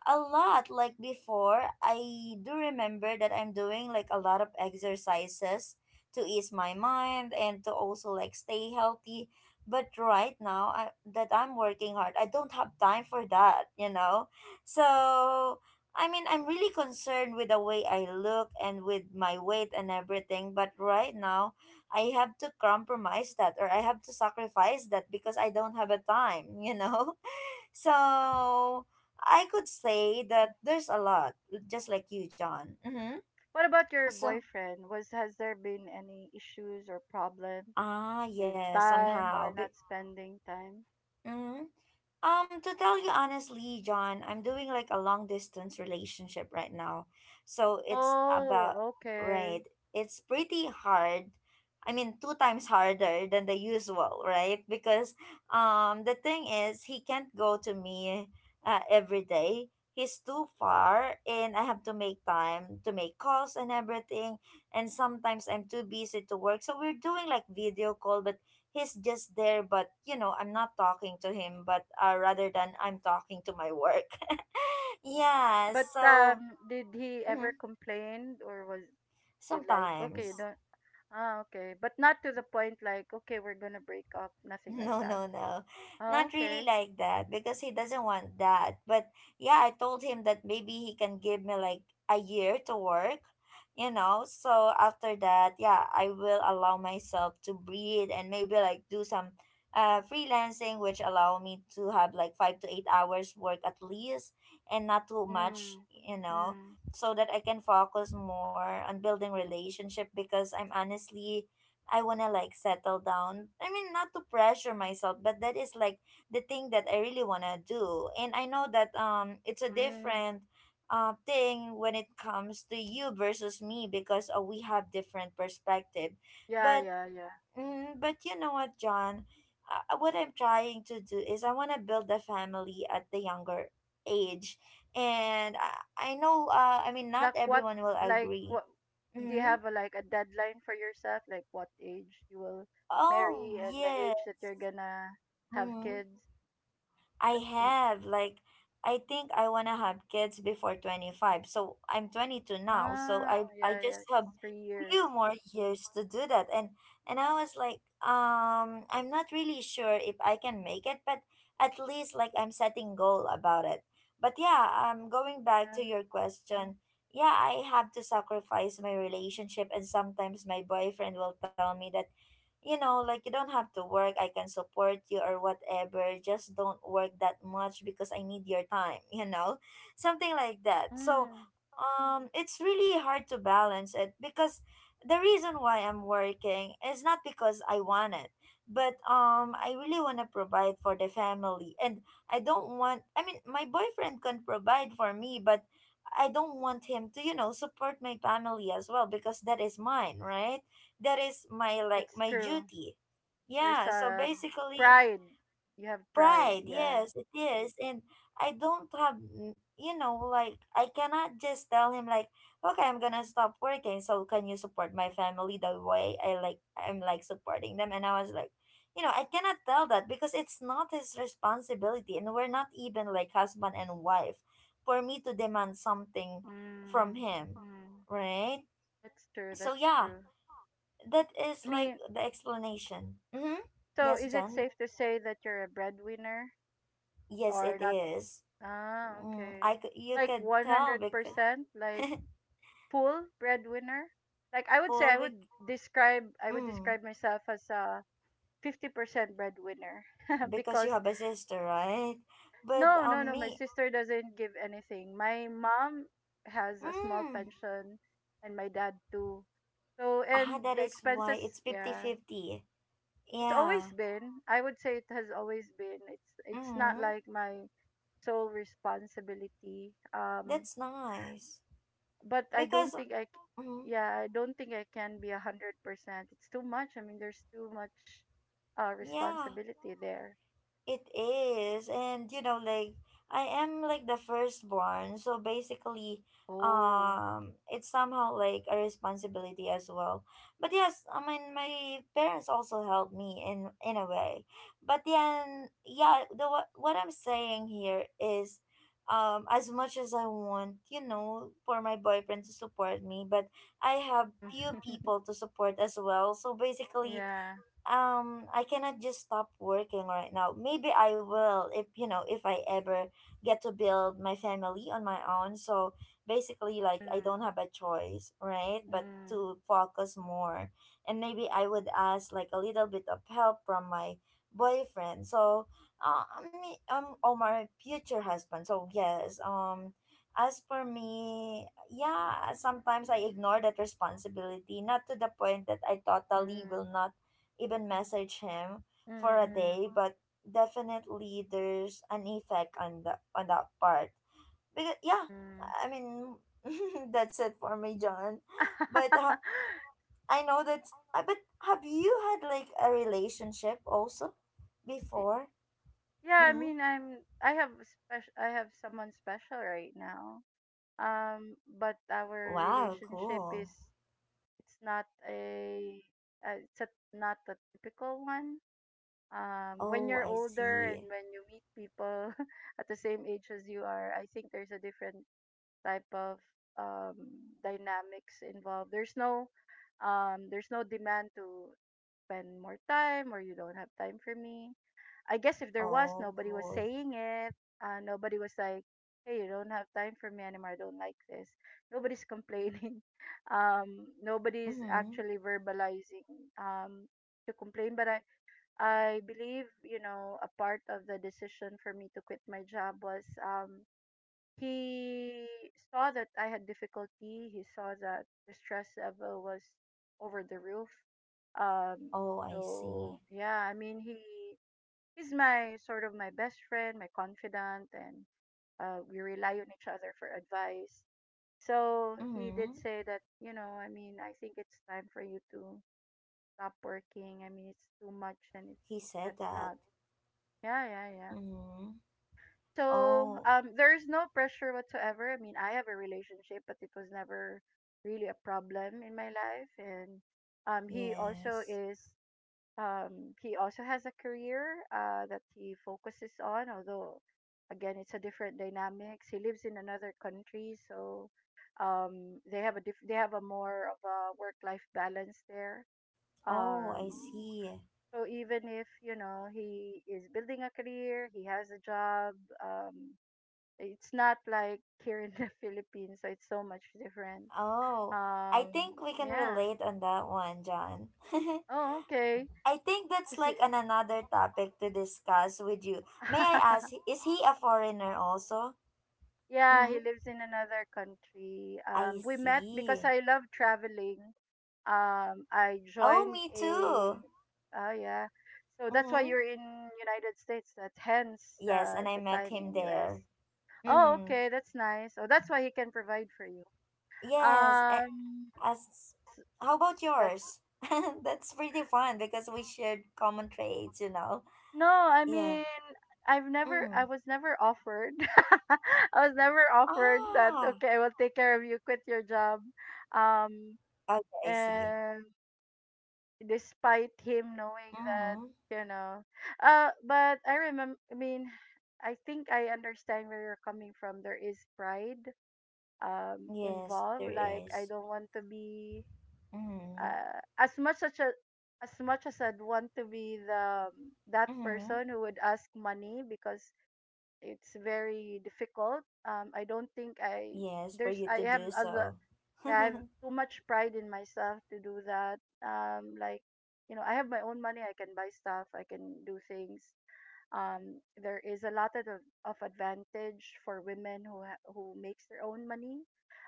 [SPEAKER 1] a lot like before, I do remember that I'm doing like a lot of exercises to ease my mind and to also like stay healthy, but right now I, that I'm working hard, I don't have time for that, you know so I mean I'm really concerned with the way I look and with my weight and everything. But right now I have to compromise that, or I have to sacrifice that, because I don't have a time you know [laughs] So I could say
[SPEAKER 2] Mm.
[SPEAKER 1] that there's a lot, just like you, John. Mm-hmm.
[SPEAKER 2] What about your
[SPEAKER 1] So
[SPEAKER 2] boyfriend? Was Has there been any issues or problem
[SPEAKER 1] ah
[SPEAKER 2] with
[SPEAKER 1] yeah,
[SPEAKER 2] time
[SPEAKER 1] somehow.
[SPEAKER 2] or not spending time?
[SPEAKER 1] Mm-hmm. Um, to tell you honestly, John, I'm doing like a long distance relationship right now. So it's about,
[SPEAKER 2] Oh, okay.
[SPEAKER 1] right, it's pretty hard. I mean, two times harder than the usual, right? Because um, the thing is, he can't go to me, uh, every day. He's too far, and I have to make time to make calls and everything. And sometimes I'm too busy to work. So we're doing like video call, but he's just there, but you know I'm not talking to him, but uh, rather than I'm talking to my work. [laughs] Yeah,
[SPEAKER 2] But
[SPEAKER 1] so
[SPEAKER 2] um, did he
[SPEAKER 1] mhm,
[SPEAKER 2] ever complain or was— did like okay, you
[SPEAKER 1] sometimes.
[SPEAKER 2] don't— Ah, okay. But not to the point like, okay, we're gonna break up, nothing like
[SPEAKER 1] No,
[SPEAKER 2] that.
[SPEAKER 1] no, no.
[SPEAKER 2] Oh,
[SPEAKER 1] Not really
[SPEAKER 2] okay.
[SPEAKER 1] like that because he doesn't want that. But yeah, I told him that maybe he can give me like a year to work, you know. So after that, yeah, I will allow myself to breathe and maybe like do some uh freelancing, which allow me to have like five to eight hours work at least and not too much,
[SPEAKER 2] Mm.
[SPEAKER 1] you know,
[SPEAKER 2] Mm.
[SPEAKER 1] so that I can focus more on building relationship, because I'm honestly I want to like settle down. I mean, not to pressure myself, but that is like the thing that I really want to do. And I know that um it's a
[SPEAKER 2] Mm.
[SPEAKER 1] different, uh, thing when it comes to you versus me, because uh, we have different perspective.
[SPEAKER 2] Yeah,
[SPEAKER 1] But
[SPEAKER 2] yeah, yeah.
[SPEAKER 1] mm, but you know what, John? Uh, what I'm trying to do is I want to build a family at the younger age. And I, I know, uh, I mean, not
[SPEAKER 2] Like what
[SPEAKER 1] everyone will
[SPEAKER 2] like
[SPEAKER 1] agree.
[SPEAKER 2] what do you
[SPEAKER 1] Mm-hmm.
[SPEAKER 2] have a like a deadline for yourself? Like what age you will marry
[SPEAKER 1] Oh,
[SPEAKER 2] and the
[SPEAKER 1] yeah.
[SPEAKER 2] age that you're gonna have
[SPEAKER 1] Mm-hmm.
[SPEAKER 2] kids?
[SPEAKER 1] I
[SPEAKER 2] W-
[SPEAKER 1] have like I think I want to have kids before twenty-five. So I'm twenty-two now. So
[SPEAKER 2] Ah,
[SPEAKER 1] I I
[SPEAKER 2] yeah, yeah.
[SPEAKER 1] just
[SPEAKER 2] So
[SPEAKER 1] have
[SPEAKER 2] it's three years.
[SPEAKER 1] few more years to do that. And and I was like, um I'm not really sure if I can make it, but at least like I'm setting goal about it. But yeah, um going back
[SPEAKER 2] Yeah.
[SPEAKER 1] to your question, yeah, I have to sacrifice my relationship, and sometimes my boyfriend will tell me that you know, like you don't have to work. I can support you or whatever. Just don't work that much because I need your time, [laughs] you know? Something like that. So,
[SPEAKER 2] Mm.
[SPEAKER 1] um it's really hard to balance it, because the reason why I'm working is not because I want it, but um I really want to provide for the family. And I don't want, I mean, my boyfriend can provide for me, but I don't want him to, you know, support my family as well, because that is mine, right? That is my like
[SPEAKER 2] That's
[SPEAKER 1] my
[SPEAKER 2] true.
[SPEAKER 1] duty,
[SPEAKER 2] There's
[SPEAKER 1] yeah, so
[SPEAKER 2] um
[SPEAKER 1] basically,
[SPEAKER 2] pride. You have pride,
[SPEAKER 1] pride,
[SPEAKER 2] yeah.
[SPEAKER 1] yes, it is. And I don't have, mm, you know like I cannot just tell him like, okay, I'm gonna stop working, so can you support my family the way I like I'm like supporting them, and I was like, you know I cannot tell that, because it's not his responsibility, and we're not even like husband and wife for me to demand something from
[SPEAKER 2] Mm.
[SPEAKER 1] him,
[SPEAKER 2] Mm.
[SPEAKER 1] right,
[SPEAKER 2] That's true.
[SPEAKER 1] so
[SPEAKER 2] That's
[SPEAKER 1] yeah,
[SPEAKER 2] true.
[SPEAKER 1] that is
[SPEAKER 2] I
[SPEAKER 1] like
[SPEAKER 2] mean,
[SPEAKER 1] the explanation. Mm-hmm.
[SPEAKER 2] so
[SPEAKER 1] Yes,
[SPEAKER 2] is it
[SPEAKER 1] John.
[SPEAKER 2] safe to say that you're a breadwinner
[SPEAKER 1] Yes, it
[SPEAKER 2] or not?
[SPEAKER 1] is.
[SPEAKER 2] Ah,
[SPEAKER 1] Mm, I
[SPEAKER 2] okay.
[SPEAKER 1] could, you
[SPEAKER 2] Like
[SPEAKER 1] could tell because
[SPEAKER 2] one hundred percent, like
[SPEAKER 1] [laughs]
[SPEAKER 2] full breadwinner? Like I would say I
[SPEAKER 1] full
[SPEAKER 2] would
[SPEAKER 1] bec-
[SPEAKER 2] describe I would
[SPEAKER 1] mm,
[SPEAKER 2] describe myself as a fifty percent breadwinner [laughs]
[SPEAKER 1] because you
[SPEAKER 2] because—
[SPEAKER 1] have a sister, right? But
[SPEAKER 2] no, no,
[SPEAKER 1] um,
[SPEAKER 2] no, my
[SPEAKER 1] me,
[SPEAKER 2] sister doesn't give anything. My mom has a small
[SPEAKER 1] mm,
[SPEAKER 2] pension and my dad too. So, and
[SPEAKER 1] ah, that
[SPEAKER 2] the
[SPEAKER 1] is why
[SPEAKER 2] expenses,
[SPEAKER 1] it's fifty
[SPEAKER 2] yeah.
[SPEAKER 1] fifty.
[SPEAKER 2] It's
[SPEAKER 1] Yeah.
[SPEAKER 2] always been— I would say it has always been— it's it's not
[SPEAKER 1] Mm,
[SPEAKER 2] like my sole responsibility, um
[SPEAKER 1] that's nice,
[SPEAKER 2] but I don't
[SPEAKER 1] because
[SPEAKER 2] think I
[SPEAKER 1] mm,
[SPEAKER 2] c- yeah, I don't think I can be a hundred percent. It's too much. I mean, there's too much uh
[SPEAKER 1] yeah.
[SPEAKER 2] responsibility there.
[SPEAKER 1] It is, and you know, like I am like the firstborn, so basically,
[SPEAKER 2] Oh.
[SPEAKER 1] um, it's somehow like a responsibility as well. But yes, I mean, my parents also helped me in in a way. But then, yeah, the what what I'm saying here is, um, as much as I want, you know, for my boyfriend to support me, but I have few
[SPEAKER 2] Mm.
[SPEAKER 1] people
[SPEAKER 2] [laughs]
[SPEAKER 1] to support as well. So basically,
[SPEAKER 2] Yeah.
[SPEAKER 1] um I cannot just stop working right now. Maybe I will if you know if I ever get to build my family on my own. So basically like I
[SPEAKER 2] Mm,
[SPEAKER 1] don't have a choice, right? But to
[SPEAKER 2] mm,
[SPEAKER 1] focus more. And maybe I would ask like a little bit of help from my boyfriend. So uh, I mean, um or my future husband. So yes, um as for me, yeah, sometimes I ignore that responsibility, not to the point that I
[SPEAKER 2] mm,
[SPEAKER 1] totally will
[SPEAKER 2] mm,
[SPEAKER 1] not even message him for a
[SPEAKER 2] mm,
[SPEAKER 1] day, but definitely there's an effect on the on that part. Because yeah,
[SPEAKER 2] mm.
[SPEAKER 1] I mean, [laughs] that's it for me, John. But uh,
[SPEAKER 2] [laughs]
[SPEAKER 1] I know that. Uh, but have you had like a relationship also
[SPEAKER 2] Y-
[SPEAKER 1] before?
[SPEAKER 2] yeah, I
[SPEAKER 1] Mm-hmm.
[SPEAKER 2] mean, I'm— I have special— I have someone special right now, um but our
[SPEAKER 1] Wow,
[SPEAKER 2] relationship is—
[SPEAKER 1] cool.
[SPEAKER 2] it's not a— uh, it's a— not a typical one. Um when
[SPEAKER 1] Oh,
[SPEAKER 2] you're
[SPEAKER 1] I
[SPEAKER 2] older and
[SPEAKER 1] see.
[SPEAKER 2] when you meet people [laughs] at the same age as you are, I think there's a different type of, um dynamics involved. There's no, um there's no demand to spend more time, or you don't have time for me. I guess if there was,
[SPEAKER 1] Oh,
[SPEAKER 2] nobody was
[SPEAKER 1] cool.
[SPEAKER 2] saying it. Uh, nobody was like, hey, you don't have time for me anymore. I don't like this. Nobody's complaining. [laughs] Um, nobody's
[SPEAKER 1] Mm-hmm.
[SPEAKER 2] actually verbalizing, um, to complain. But I, I believe, you know, a part of the decision for me to quit my job was um, he saw that I had difficulty. He saw that the stress level was over the roof. Um,
[SPEAKER 1] Oh, I
[SPEAKER 2] so,
[SPEAKER 1] see.
[SPEAKER 2] yeah, I mean, he he's my sort of my best friend, my confidant, and uh, we rely on each other for advice. So he did
[SPEAKER 1] Mm-hmm.
[SPEAKER 2] say that, you know, I mean, I think it's time for you to stop working. I mean, it's too much and it's
[SPEAKER 1] He said
[SPEAKER 2] that's
[SPEAKER 1] that.
[SPEAKER 2] not. Yeah, yeah, yeah.
[SPEAKER 1] Mm-hmm.
[SPEAKER 2] So
[SPEAKER 1] Oh,
[SPEAKER 2] um, there's no pressure whatsoever. I mean, I have a relationship, but it was never really a problem in my life. And um, he also
[SPEAKER 1] yes.
[SPEAKER 2] is Um, he also has a career uh, that he focuses on, although again it's a different dynamics. He lives in another country, so um, they have a diff- they have a more of a work life balance there.
[SPEAKER 1] Oh,
[SPEAKER 2] Um,
[SPEAKER 1] I
[SPEAKER 2] Oh.
[SPEAKER 1] see.
[SPEAKER 2] So even if you know he is building a career, he has a job. Um, it's not like here in the [laughs] Philippines, so it's so much different.
[SPEAKER 1] Oh, I
[SPEAKER 2] Um,
[SPEAKER 1] think we can
[SPEAKER 2] yeah.
[SPEAKER 1] relate on that one, John. [laughs]
[SPEAKER 2] Oh, okay.
[SPEAKER 1] I think that's
[SPEAKER 2] Is
[SPEAKER 1] like
[SPEAKER 2] it-
[SPEAKER 1] an another topic to discuss with you. May I ask, is he a
[SPEAKER 2] [laughs]
[SPEAKER 1] foreigner also?
[SPEAKER 2] Yeah,
[SPEAKER 1] Mm-hmm.
[SPEAKER 2] he lives in another country.
[SPEAKER 1] I
[SPEAKER 2] Um, we met because
[SPEAKER 1] see.
[SPEAKER 2] I love traveling. Um, I
[SPEAKER 1] Oh,
[SPEAKER 2] joined
[SPEAKER 1] me
[SPEAKER 2] a,
[SPEAKER 1] too.
[SPEAKER 2] oh yeah, so that's why
[SPEAKER 1] Mm-hmm.
[SPEAKER 2] you're in United States. That hence
[SPEAKER 1] Yes,
[SPEAKER 2] uh,
[SPEAKER 1] and I
[SPEAKER 2] the
[SPEAKER 1] met
[SPEAKER 2] time
[SPEAKER 1] him
[SPEAKER 2] in U S.
[SPEAKER 1] there.
[SPEAKER 2] Oh,
[SPEAKER 1] Mm-hmm.
[SPEAKER 2] okay, that's nice. Oh, that's why he can provide for you.
[SPEAKER 1] Yes, a-
[SPEAKER 2] Um,
[SPEAKER 1] as how about
[SPEAKER 2] that's
[SPEAKER 1] yours? [laughs] That's pretty fun because we shared common traits, you know.
[SPEAKER 2] No, I
[SPEAKER 1] Yeah.
[SPEAKER 2] mean, I've never,
[SPEAKER 1] Mm.
[SPEAKER 2] I was never offered. [laughs] I was never offered that.
[SPEAKER 1] Ah.
[SPEAKER 2] Okay, I will take care of you. Quit your job. Um,
[SPEAKER 1] Okay, I see.
[SPEAKER 2] and despite him knowing that
[SPEAKER 1] Mm-hmm.
[SPEAKER 2] you know uh but I remember, I mean, I think I understand where you're coming from. There is pride um
[SPEAKER 1] Yes,
[SPEAKER 2] involved.
[SPEAKER 1] there
[SPEAKER 2] Like I
[SPEAKER 1] is.
[SPEAKER 2] don't want to be
[SPEAKER 1] Mm-hmm.
[SPEAKER 2] uh as much such a as much as I'd want to be the um, that
[SPEAKER 1] Mm-hmm.
[SPEAKER 2] person who would ask money because it's very difficult. Um, I don't think I
[SPEAKER 1] Yes, for
[SPEAKER 2] there's
[SPEAKER 1] you to
[SPEAKER 2] I have
[SPEAKER 1] do
[SPEAKER 2] a,
[SPEAKER 1] so.
[SPEAKER 2] yeah, I've
[SPEAKER 1] [laughs]
[SPEAKER 2] too much pride in myself to do that. Um, like, you know, I have my own money. I can buy stuff. I can do things. Um, there is a lot of of advantage for women who ha- who makes their own money,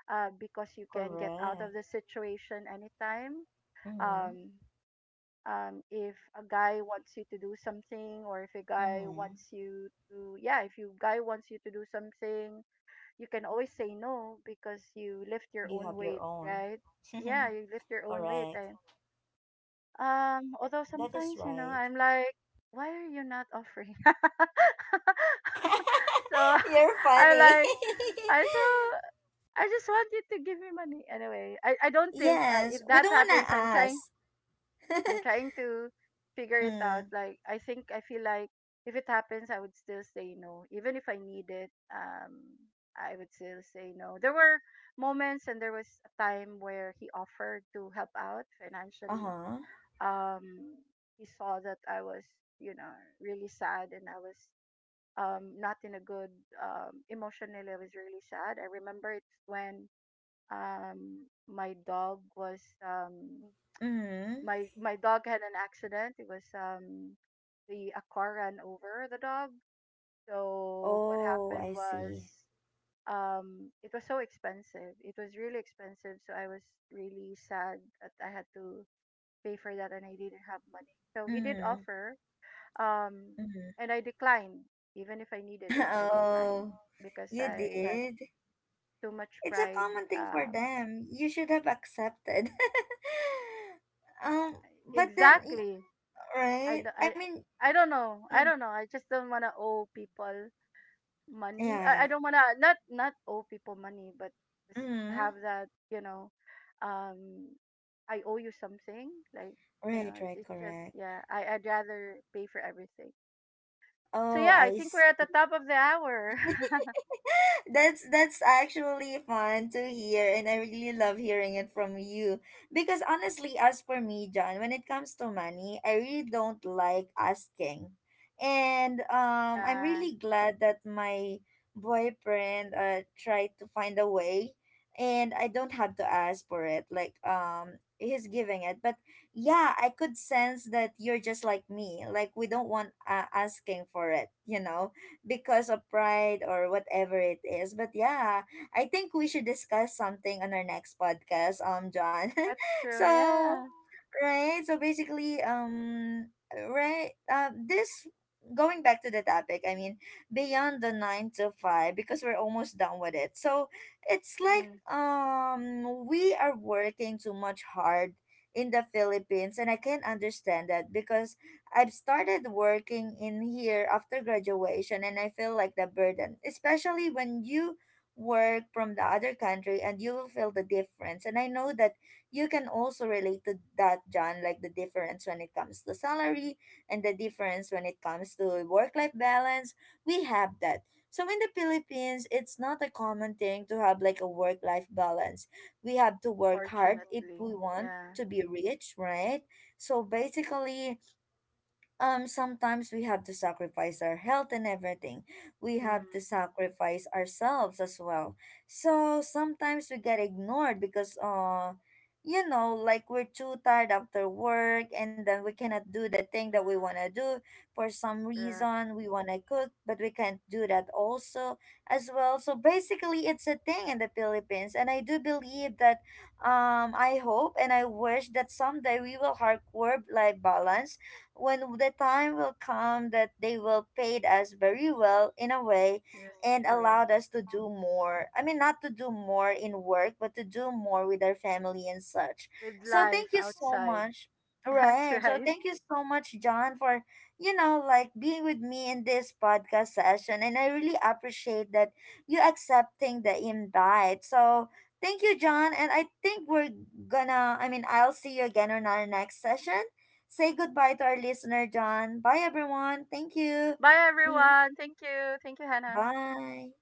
[SPEAKER 2] uh, because you can get out
[SPEAKER 1] Correct.
[SPEAKER 2] of the situation anytime.
[SPEAKER 1] Mm-hmm.
[SPEAKER 2] Um, um, if a guy wants you to do something, or if a guy
[SPEAKER 1] Mm-hmm.
[SPEAKER 2] wants you to, yeah, if you guy wants you to do something, you can always say no because you lift your
[SPEAKER 1] You have
[SPEAKER 2] own
[SPEAKER 1] your
[SPEAKER 2] weight,
[SPEAKER 1] own.
[SPEAKER 2] right?
[SPEAKER 1] [laughs]
[SPEAKER 2] Yeah, you lift your own weight.
[SPEAKER 1] Correct.
[SPEAKER 2] I, um,
[SPEAKER 1] That
[SPEAKER 2] although
[SPEAKER 1] that is
[SPEAKER 2] sometimes, you know,
[SPEAKER 1] right.
[SPEAKER 2] I'm like, why are you not offering? [laughs] so
[SPEAKER 1] [laughs] You're
[SPEAKER 2] I'm
[SPEAKER 1] funny.
[SPEAKER 2] like, I so
[SPEAKER 1] [laughs]
[SPEAKER 2] I just want you to give me money. Anyway, I, I don't think uh,
[SPEAKER 1] Yes,
[SPEAKER 2] if
[SPEAKER 1] we
[SPEAKER 2] that
[SPEAKER 1] don't wanna
[SPEAKER 2] happens, I'm trying
[SPEAKER 1] ask. [laughs]
[SPEAKER 2] I'm trying to figure it out.
[SPEAKER 1] Mm.
[SPEAKER 2] Like I think I feel like if it happens, I would still say no, even if I need it. Um, I would still say no. There were moments, and there was a time where he offered to help out
[SPEAKER 1] Uh
[SPEAKER 2] financially.
[SPEAKER 1] huh.
[SPEAKER 2] Um, he saw that I was, you know, really sad, and I was um not in a good um emotionally. I was really sad. I remember it when um my dog was um
[SPEAKER 1] Mm.
[SPEAKER 2] my my dog had an accident. It was um the a car ran over the dog. So what
[SPEAKER 1] Oh,
[SPEAKER 2] happened
[SPEAKER 1] I
[SPEAKER 2] was
[SPEAKER 1] see.
[SPEAKER 2] um it was so expensive. It was really expensive. So I was really sad that I had to pay for that and I didn't have money. So he did
[SPEAKER 1] Mm.
[SPEAKER 2] offer um
[SPEAKER 1] Mm.
[SPEAKER 2] and I declined even if I needed
[SPEAKER 1] [laughs]
[SPEAKER 2] it. I declined
[SPEAKER 1] Oh,
[SPEAKER 2] because
[SPEAKER 1] you
[SPEAKER 2] I have
[SPEAKER 1] did.
[SPEAKER 2] too much
[SPEAKER 1] It's a
[SPEAKER 2] pride.
[SPEAKER 1] common thing for
[SPEAKER 2] Um
[SPEAKER 1] them. You should have accepted. [laughs] um, but then, y-
[SPEAKER 2] exactly. I,
[SPEAKER 1] right?
[SPEAKER 2] d-
[SPEAKER 1] I
[SPEAKER 2] I
[SPEAKER 1] mean,
[SPEAKER 2] I don't know. I
[SPEAKER 1] mm,
[SPEAKER 2] don't know. I just don't want to owe people money. I,
[SPEAKER 1] yeah,
[SPEAKER 2] I don't wanna not not owe people money, but
[SPEAKER 1] yeah.
[SPEAKER 2] just
[SPEAKER 1] Mm,
[SPEAKER 2] have that, you know, um, I owe you something. Like you
[SPEAKER 1] right,
[SPEAKER 2] know, it's,
[SPEAKER 1] right,
[SPEAKER 2] it's just
[SPEAKER 1] correct.
[SPEAKER 2] yeah. I I'd rather pay for everything. So
[SPEAKER 1] Oh,
[SPEAKER 2] yeah, I
[SPEAKER 1] I
[SPEAKER 2] think we're at the top of the hour. [laughs]
[SPEAKER 1] [laughs] that's that's actually fun to hear, and I really love hearing it from you. Because honestly, as for me, John, when it comes to money, I really don't like asking. And um I'm
[SPEAKER 2] Yeah,
[SPEAKER 1] really glad that my boyfriend uh tried to find a way, and I don't have to ask for it. Like um he's giving it. But yeah, I could sense that you're just like me. Like we don't want uh, asking for it, you know because of pride or whatever it is. But yeah, I think we should discuss something on our next podcast, um, John.
[SPEAKER 2] that's
[SPEAKER 1] [laughs]
[SPEAKER 2] true.
[SPEAKER 1] So
[SPEAKER 2] Yeah.
[SPEAKER 1] right. So basically, um, right. Uh, this going back to the topic. I mean, beyond the nine to five, because we're almost done with it. So it's like
[SPEAKER 2] Mm,
[SPEAKER 1] um, we are working too much hard in the Philippines, and I can understand that because I've started working in here after graduation, and I feel like the burden, especially when you work from the other country, and you will feel the difference. And I know that you can also relate to that, John, like the difference when it comes to salary and the difference when it comes to work life balance. We have that. So in the Philippines, it's not a common thing to have like a work life balance. We have to work hard if
[SPEAKER 2] unfortunately,
[SPEAKER 1] we want
[SPEAKER 2] yeah.
[SPEAKER 1] to be rich, right? So basically, um sometimes we have to sacrifice our health and everything. We
[SPEAKER 2] Mm,
[SPEAKER 1] have to sacrifice ourselves as well, so sometimes we get ignored because uh you know, like we're too tired after work, and then we cannot do the thing that
[SPEAKER 2] mm,
[SPEAKER 1] we want to do. For some
[SPEAKER 2] correct.
[SPEAKER 1] reason we want to cook, but we can't do that also as well. So basically it's a thing in the philippines, and I do believe that um I hope and I wish that someday we will hardcore life balance when the time will come that they will paid us very well in a way,
[SPEAKER 2] Yes,
[SPEAKER 1] and
[SPEAKER 2] true.
[SPEAKER 1] allowed us to do more. I mean, not to do more in work, but to do more with our family and such.
[SPEAKER 2] With
[SPEAKER 1] So
[SPEAKER 2] life
[SPEAKER 1] thank you so
[SPEAKER 2] outside.
[SPEAKER 1] much.
[SPEAKER 2] [laughs] That's
[SPEAKER 1] Right. So
[SPEAKER 2] right.
[SPEAKER 1] thank you so much, John, for, you know, like being with me in this podcast session. And I really appreciate that you accepting the invite. So thank you, John. And I think we're gonna, I mean, I'll see you again on our next session. Say goodbye to our listener, John. Bye, everyone. Thank you.
[SPEAKER 2] Bye
[SPEAKER 1] Mhm.
[SPEAKER 2] everyone. Thank you. Thank you, Hannah.
[SPEAKER 1] Bye.